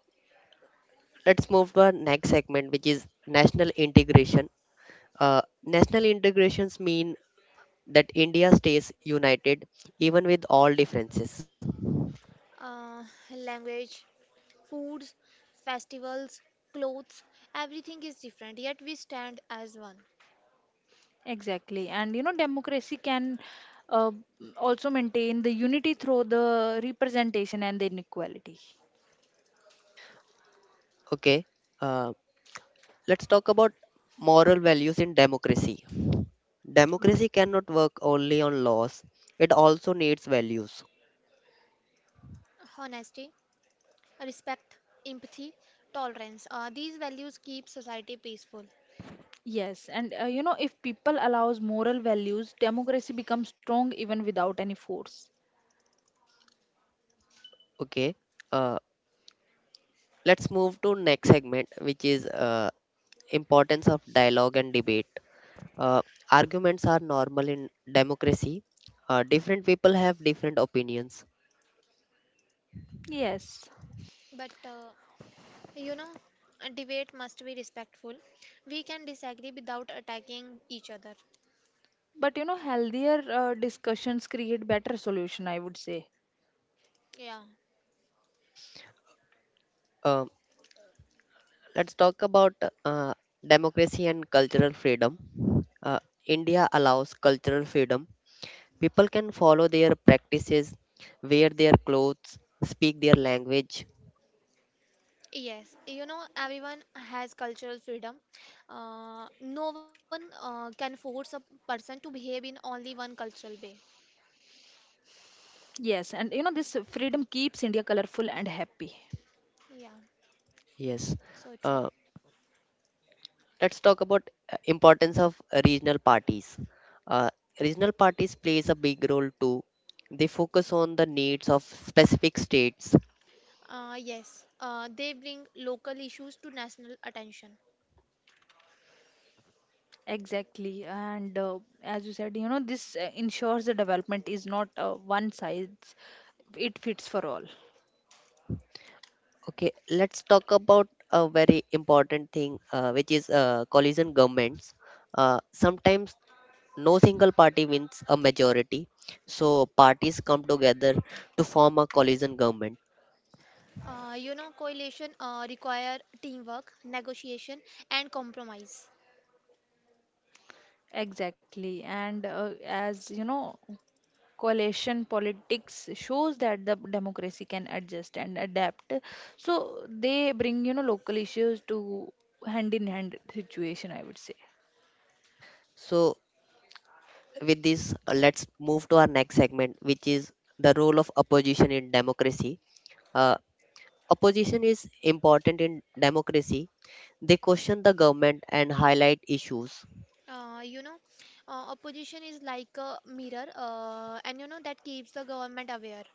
[SPEAKER 3] let's move to our next segment, which is national integration. National integrations mean that India stays united even with all differences.
[SPEAKER 2] Uh, Language, foods, festivals, clothes, everything is different, yet we stand as one.
[SPEAKER 1] Exactly. And, you know, democracy can uh, also maintain the unity through the representation and the inequality.
[SPEAKER 3] Okay, uh, let's talk about moral values in democracy.
[SPEAKER 1] Okay.
[SPEAKER 3] Democracy cannot work only on laws; it also needs values.
[SPEAKER 2] Honesty, respect, empathy, tolerance. These values keep society peaceful.
[SPEAKER 1] Yes, and you know, if people allows moral values, democracy becomes strong even without any force.
[SPEAKER 3] Okay, uh, let's move to next segment, which is importance of dialogue and debate. Uh, Arguments are normal in democracy. Different people have different opinions.
[SPEAKER 1] Yes,
[SPEAKER 2] But you know, a debate must be respectful. We can disagree without attacking each other.
[SPEAKER 1] but you know, healthier discussions create better solution, I would say.
[SPEAKER 2] Yeah.
[SPEAKER 3] Um let's talk about uh, democracy and cultural freedom. Uh, India allows cultural freedom. People can follow their practices, wear their clothes, speak their language.
[SPEAKER 2] Yes, you know, everyone has cultural freedom. No one can force a person to behave in only one cultural way.
[SPEAKER 1] Yes, and you know, this freedom keeps India colorful and happy.
[SPEAKER 2] Yeah,
[SPEAKER 3] Yes.
[SPEAKER 2] so true.
[SPEAKER 3] Uh, let's talk about importance of regional parties. Uh, Regional parties plays a big role too. They focus on the needs of specific states.
[SPEAKER 2] Yes, they bring local issues to national attention.
[SPEAKER 1] Exactly, and as you said, you know, this ensures the development is not one size; it fits for all.
[SPEAKER 3] Okay, let's talk about a very important thing, which is coalition governments. Sometimes no single party wins a majority, so parties come together to form a coalition government.
[SPEAKER 2] Coalition require teamwork, negotiation, and compromise.
[SPEAKER 1] Exactly, and as you know, coalition politics shows that the democracy can adjust and adapt. So they bring, you know, local issues to hand in hand situation, I would say.
[SPEAKER 3] So, with this, let's move to our next segment, which is the role of opposition in democracy. Uh, Opposition is important in democracy. They question the government and highlight issues.
[SPEAKER 2] Uh, you know, Opposition is like a mirror, and you know that keeps the government aware.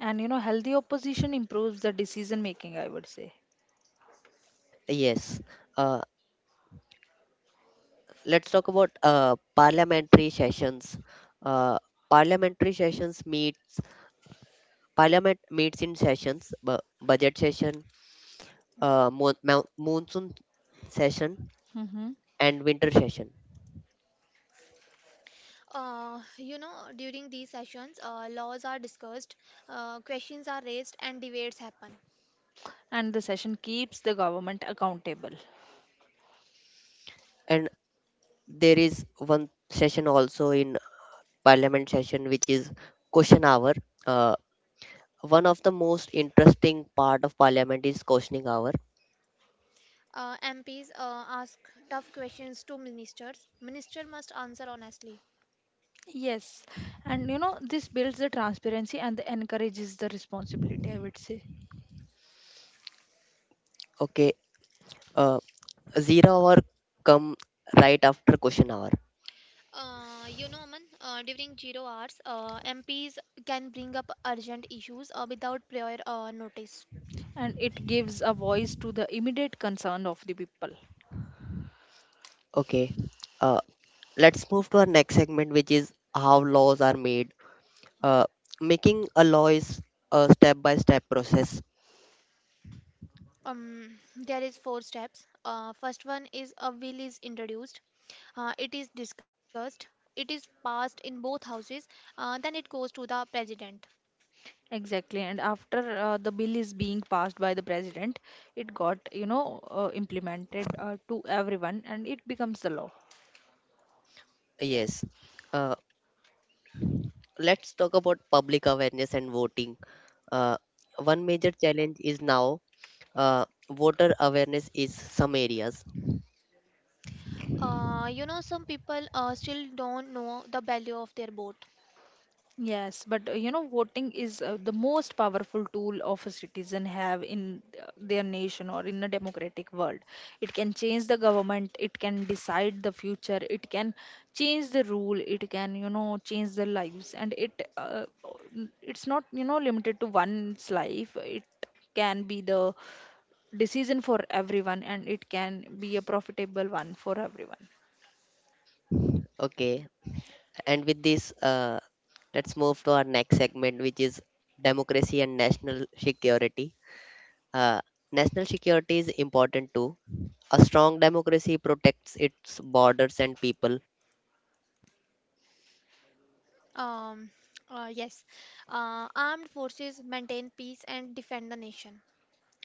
[SPEAKER 1] And you know, healthy opposition improves the decision making, I would say.
[SPEAKER 3] Yes. Uh, let's talk about parliamentary sessions. Uh, parliamentary sessions meets parliament meets in sessions, budget session, uh, moon, monsoon session,
[SPEAKER 1] Hmm.
[SPEAKER 3] and winter session.
[SPEAKER 2] You know, during these sessions, laws are discussed, questions are raised, and debates happen.
[SPEAKER 1] And the session keeps the government accountable.
[SPEAKER 3] And there is one session also in parliament session, which is question hour. uh, One of the most interesting part of parliament is questioning hour.
[SPEAKER 2] MPs ask tough questions to ministers. Minister must answer honestly.
[SPEAKER 1] Yes, and you know, this builds the transparency and encourages the responsibility, I would say.
[SPEAKER 3] Okay, uh, zero hour come right after question hour.
[SPEAKER 2] You know, Aman, during zero hours, MPs can bring up urgent issues without prior notice.
[SPEAKER 1] And it gives a voice to the immediate concern of the people.
[SPEAKER 3] Okay, uh, let's move to our next segment, which is how laws are made. uh, Making a law is a step by step process.
[SPEAKER 2] There is four steps. First one is a bill is introduced. It is discussed. It is passed in both houses. Then it goes to the president.
[SPEAKER 1] Exactly, and after the bill is being passed by the president, it got, you know, implemented to everyone, and it becomes the law.
[SPEAKER 3] Yes, uh, let's talk about public awareness and voting. uh, One major challenge is now, uh, voter awareness is some areas.
[SPEAKER 2] You know, some people still don't know the value of their vote.
[SPEAKER 1] Yes, but you know, voting is the most powerful tool of a citizen have in their nation or in a democratic world. It can change the government, it can decide the future, it can change the rule, it can change the lives, and it's not limited to one's life. It can be the decision for everyone, and it can be a profitable one for everyone.
[SPEAKER 3] Okay, and with this, let's move to our next segment, which is democracy and national security. uh, National security is important too. A strong democracy protects its borders and people.
[SPEAKER 2] Um, yes, armed forces maintain peace and defend the nation.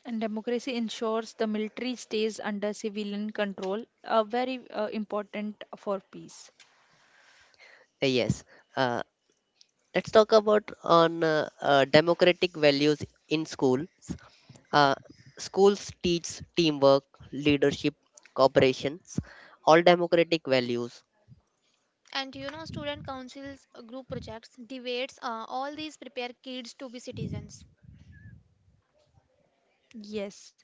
[SPEAKER 1] And democracy ensures the military stays under civilian control, very important for peace.
[SPEAKER 3] Uh, yes uh, let's talk about on democratic values in schools. uh, Schools teach teamwork, leadership, cooperations, all democratic values.
[SPEAKER 2] And you know, student councils, group projects, debates, all these prepare kids to be citizens.
[SPEAKER 1] Yes,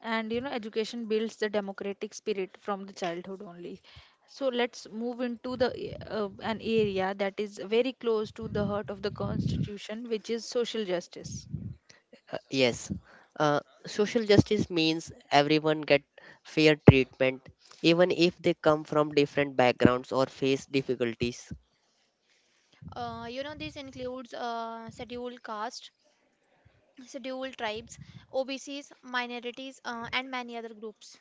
[SPEAKER 1] and you know, education builds the democratic spirit from the childhood only. So let's move into an area that is very close to the heart of the constitution, which is social justice.
[SPEAKER 3] Yes, uh, social justice means everyone get fair treatment, even if they come from different backgrounds or face difficulties.
[SPEAKER 2] You know, this includes scheduled caste, scheduled tribes, OBCs, minorities, and many other groups.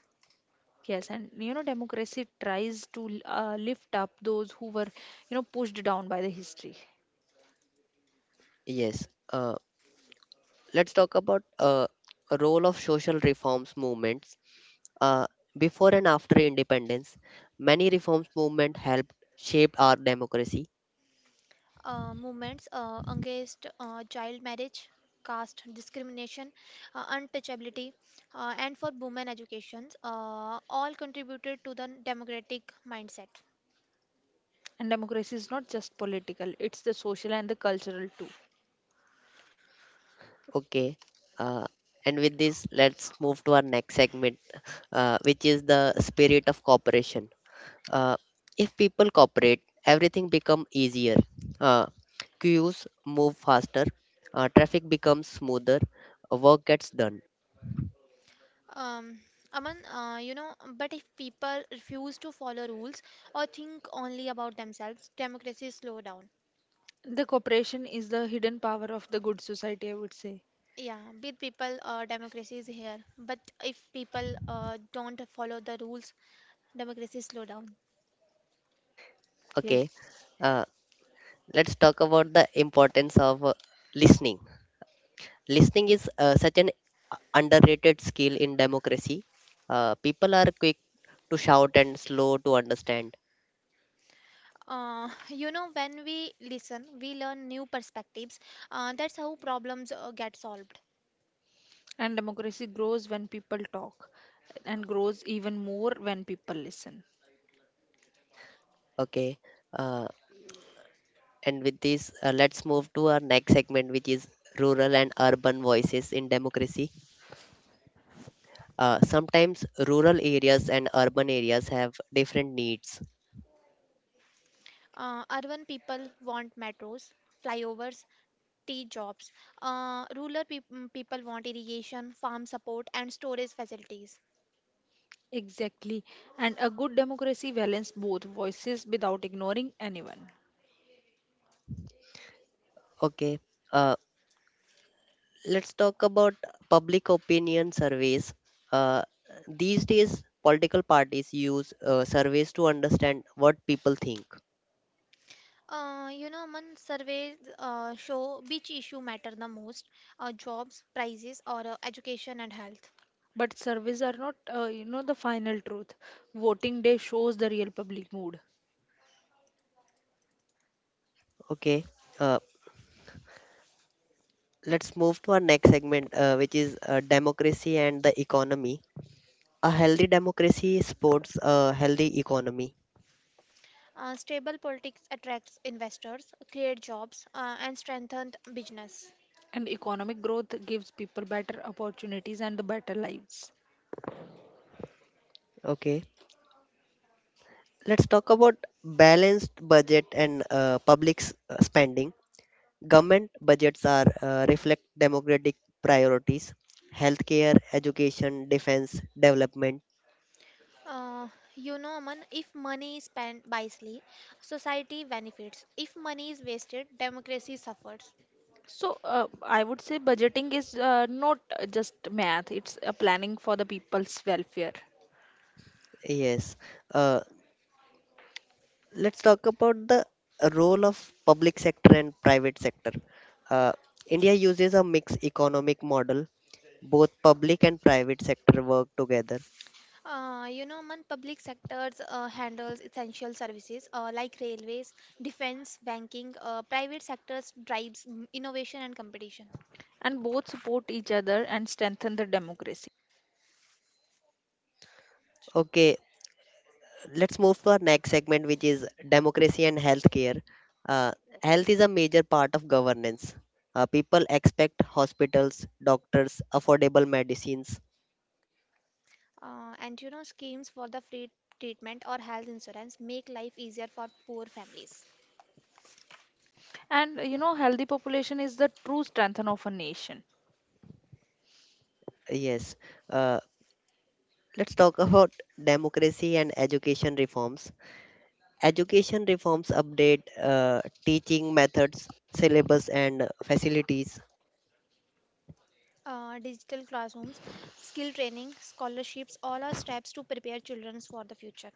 [SPEAKER 1] Yes, and you know, democracy tries to lift up those who were, you know, pushed down by the history.
[SPEAKER 3] Yes, let's talk about role of social reforms movements. Uh, Before and after independence, many reforms movement helped shape our democracy.
[SPEAKER 2] Movements against child marriage, caste discrimination, untouchability, and for women educations, all contributed to the democratic mindset.
[SPEAKER 1] And democracy is not just political, it's the social and the cultural too.
[SPEAKER 3] Okay, uh, and with this, let's move to our next segment, which is the spirit of cooperation. Uh, if people cooperate, everything becomes easier. Uh, Queues move faster, traffic becomes smoother, work gets done.
[SPEAKER 2] Um, Aman, but if people refuse to follow rules or think only about themselves, democracy slow down.
[SPEAKER 1] The cooperation is the hidden power of the good society, I would say.
[SPEAKER 2] Yeah, with people, democracy is here. But if people don't follow the rules, democracy slow down.
[SPEAKER 3] Okay,
[SPEAKER 1] Yes.
[SPEAKER 3] uh, let's talk about the importance of listening. Listening is such an underrated skill in democracy. People are quick to shout and slow to understand.
[SPEAKER 2] You know, when we listen, we learn new perspectives. That's how problems get solved.
[SPEAKER 1] And democracy grows when people talk, and grows even more when people listen.
[SPEAKER 3] Okay, uh, and with this, let's move to our next segment, which is rural and urban voices in democracy. Sometimes rural areas and urban areas have different needs.
[SPEAKER 2] Urban people want metros, flyovers, tea jobs. Rural people want irrigation, farm support, and storage facilities.
[SPEAKER 1] Exactly. And a good democracy balances both voices without ignoring anyone.
[SPEAKER 3] Okay, uh, let's talk about public opinion surveys. uh, these days political parties use surveys to understand what people think.
[SPEAKER 2] Man, surveys show which issue matter the most: jobs, prices, or education and health.
[SPEAKER 1] But surveys are not, you know, the final truth. Voting day shows the real public mood.
[SPEAKER 3] Okay, uh, let's move to our next segment, which is democracy and the economy. A healthy democracy supports a healthy economy.
[SPEAKER 2] Stable politics attracts investors, create jobs, and strengthen business.
[SPEAKER 1] And economic growth gives people better opportunities and the better lives.
[SPEAKER 3] Okay, let's talk about balanced budget and public spending. Government budgets are reflect democratic priorities, healthcare, education, defense, development.
[SPEAKER 2] Uh, Man, if money is spent wisely, society benefits. If money is wasted, democracy suffers.
[SPEAKER 1] So, I would say budgeting is not just math, it's a planning for the people's welfare.
[SPEAKER 3] Yes. Uh, let's talk about the role of public sector and private sector. Uh, India uses a mixed economic model. Both public and private sector work together.
[SPEAKER 2] Man, public sectors handles essential services like railways, defense, banking. Private sectors drives innovation and competition.
[SPEAKER 1] And both support each other and strengthen the democracy.
[SPEAKER 3] Okay, let's move to our next segment, which is democracy and healthcare. Uh, Health is a major part of governance. People expect hospitals, doctors, affordable medicines.
[SPEAKER 2] And you know, schemes for the free treatment or health insurance make life easier for poor families.
[SPEAKER 1] And you know, healthy population is the true strength of a nation.
[SPEAKER 3] Yes. Uh, let's talk about democracy and education reforms. Education reforms update teaching methods, syllabus, and facilities.
[SPEAKER 2] Digital classrooms, skill training, scholarships, all are steps to prepare children for the future.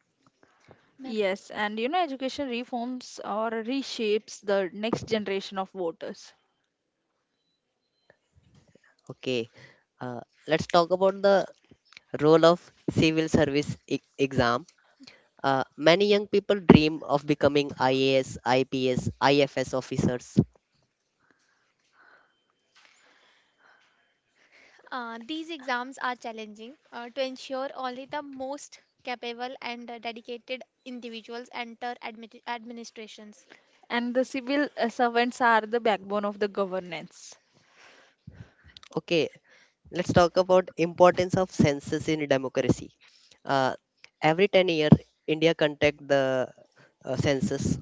[SPEAKER 1] Yes, and you know, education reforms or reshapes the next generation of voters.
[SPEAKER 3] Okay. Uh, let's talk about the role of civil service exam. Many young people dream of becoming IAS, IPS, IFS officers.
[SPEAKER 2] These exams are challenging to ensure only the most capable and dedicated individuals enter administrations.
[SPEAKER 1] And the civil servants are the backbone of the governance.
[SPEAKER 3] Okay, let's talk about importance of census in democracy. Uh, every 10 year, India conduct the census.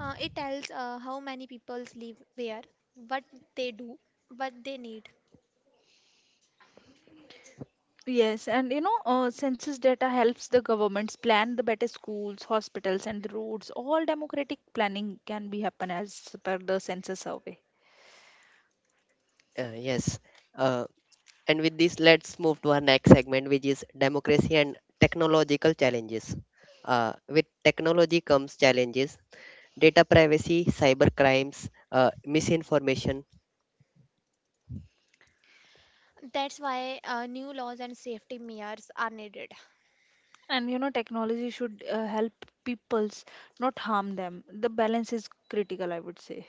[SPEAKER 2] It tells how many people live where, what they do, what they need.
[SPEAKER 1] Yes, and you know, census data helps the governments plan the better schools, hospitals, and the roads. All democratic planning can be happen as per the census survey.
[SPEAKER 3] Uh, yes. Uh, and with this, let's move to our next segment, which is democracy and technological challenges. With technology comes challenges, data privacy, cyber crimes, misinformation.
[SPEAKER 2] That's why new laws and safety measures are needed.
[SPEAKER 1] And you know, technology should help peoples, not harm them. The balance is critical, I would say.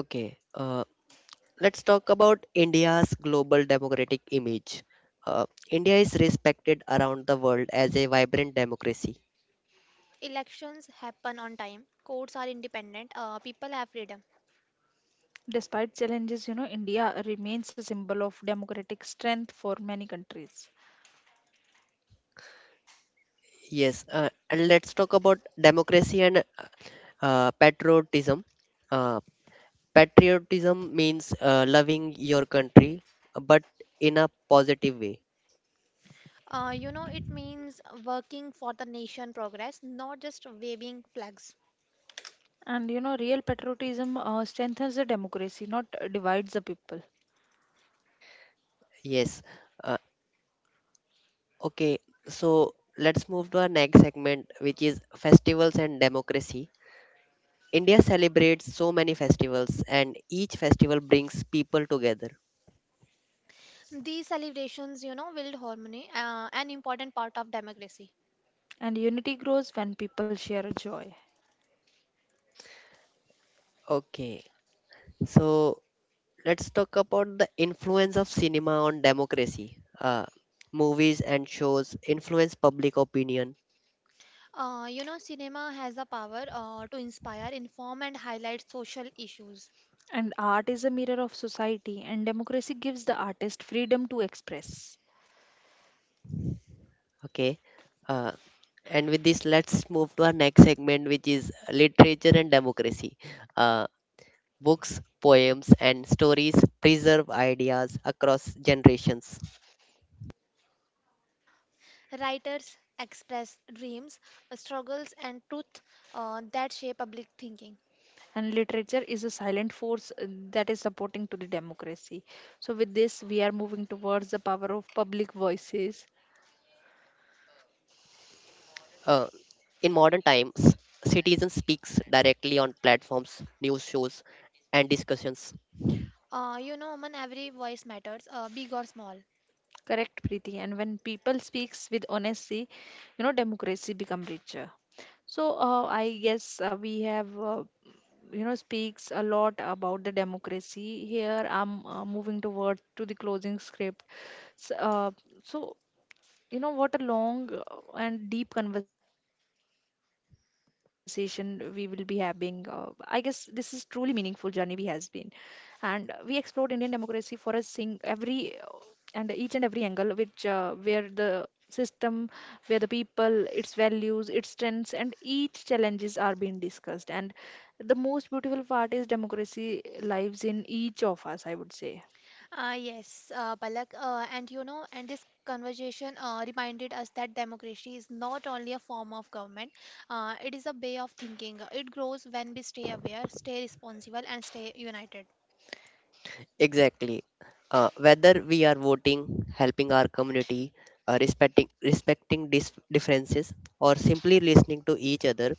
[SPEAKER 3] Okay. Let's talk about India's global democratic image. India is respected around the world as a vibrant democracy.
[SPEAKER 2] Elections happen on time, courts are independent, people have freedom.
[SPEAKER 1] Despite challenges, you know, India remains a symbol of democratic strength for many countries.
[SPEAKER 3] Yes, and let's talk about democracy and patriotism. Uh, Patriotism means loving your country, but in a positive way.
[SPEAKER 2] You know, it means working for the nation progress, not just waving flags.
[SPEAKER 1] And you know, real patriotism strengthens the democracy, not divides the people.
[SPEAKER 3] Yes. Uh, okay, so let's move to our next segment, which is festivals and democracy. India celebrates so many festivals, and each festival brings people together.
[SPEAKER 2] These celebrations, you know, build harmony, an important part of democracy.
[SPEAKER 1] And unity grows when people share a joy.
[SPEAKER 3] Okay, so let's talk about the influence of cinema on democracy. Movies and shows influence public opinion.
[SPEAKER 2] You know, cinema has the power to inspire, inform, and highlight social issues.
[SPEAKER 1] And art is a mirror of society, and democracy gives the artist freedom to express.
[SPEAKER 3] Okay, uh, and with this, let's move to our next segment, which is literature and democracy. Uh, Books, poems, and stories preserve ideas across generations.
[SPEAKER 2] Writers express dreams, struggles, and truth that shape public thinking.
[SPEAKER 1] And literature is a silent force that is supporting to the democracy. So with this, we are moving towards the power of public voices.
[SPEAKER 3] Uh, in modern times, citizens speaks directly on platforms, news shows, and discussions.
[SPEAKER 2] Man, every voice matters, big or small.
[SPEAKER 1] Correct, Preeti. And when people speaks with honesty, you know, democracy become richer. So, I guess we have you know speaks a lot about the democracy here. I'm moving towards to the closing script. So, uh, so you know, what a long and deep conversation we will be having. I guess this is truly meaningful journey we has been, and we explored Indian democracy for us, seeing every and each and every angle, which where the system, where the people, its values, its strengths, and each challenges are being discussed. And the most beautiful part is democracy lives in each of us, I would say.
[SPEAKER 2] Yes, Palak, and you know, and this conversation reminded us that democracy is not only a form of government, it is a way of thinking. It grows when we stay aware, stay responsible, and stay united.
[SPEAKER 3] Exactly. Whether we are voting, helping our community, respecting differences, or simply listening to each other,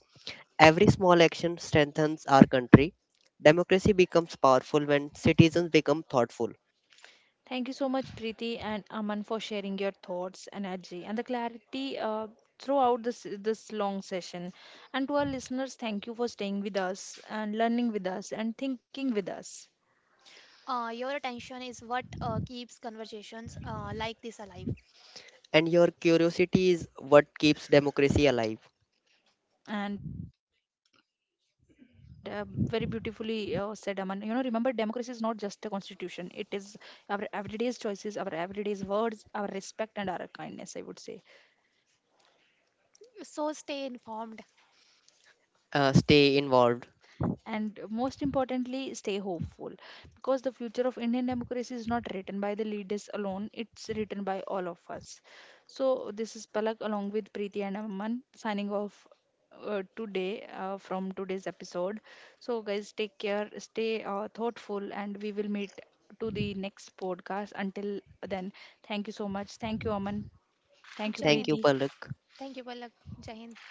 [SPEAKER 3] every small action strengthens our country. Democracy becomes powerful when citizens become thoughtful,
[SPEAKER 1] Thank you so much, Preeti and Aman, for sharing your thoughts, energy, and the clarity, throughout this long session. And to our listeners, thank you for staying with us and learning with us and thinking with us.
[SPEAKER 2] Your attention is what keeps conversations like this alive.
[SPEAKER 3] and your curiosity is what keeps democracy alive.
[SPEAKER 1] And very beautifully said, Aman. You know, remember, democracy is not just a constitution, it is our everyday's choices, our everyday's words, our respect, and our kindness, I would say.
[SPEAKER 2] So stay informed.
[SPEAKER 3] Stay involved.
[SPEAKER 1] And most importantly, stay hopeful, because the future of Indian democracy is not written by the leaders alone, it's written by all of us. So this is Palak, along with Preeti and Amman, signing off today from today's episode. So guys, take care, stay thoughtful, and we will meet to the next podcast. Until then, thank you so much. Thank you, Aman. Thank you,
[SPEAKER 2] Jai
[SPEAKER 3] Thank
[SPEAKER 2] Hind.
[SPEAKER 3] you,
[SPEAKER 1] Preeti.
[SPEAKER 3] Palak.
[SPEAKER 2] Thank you, Palak. Jai Hind.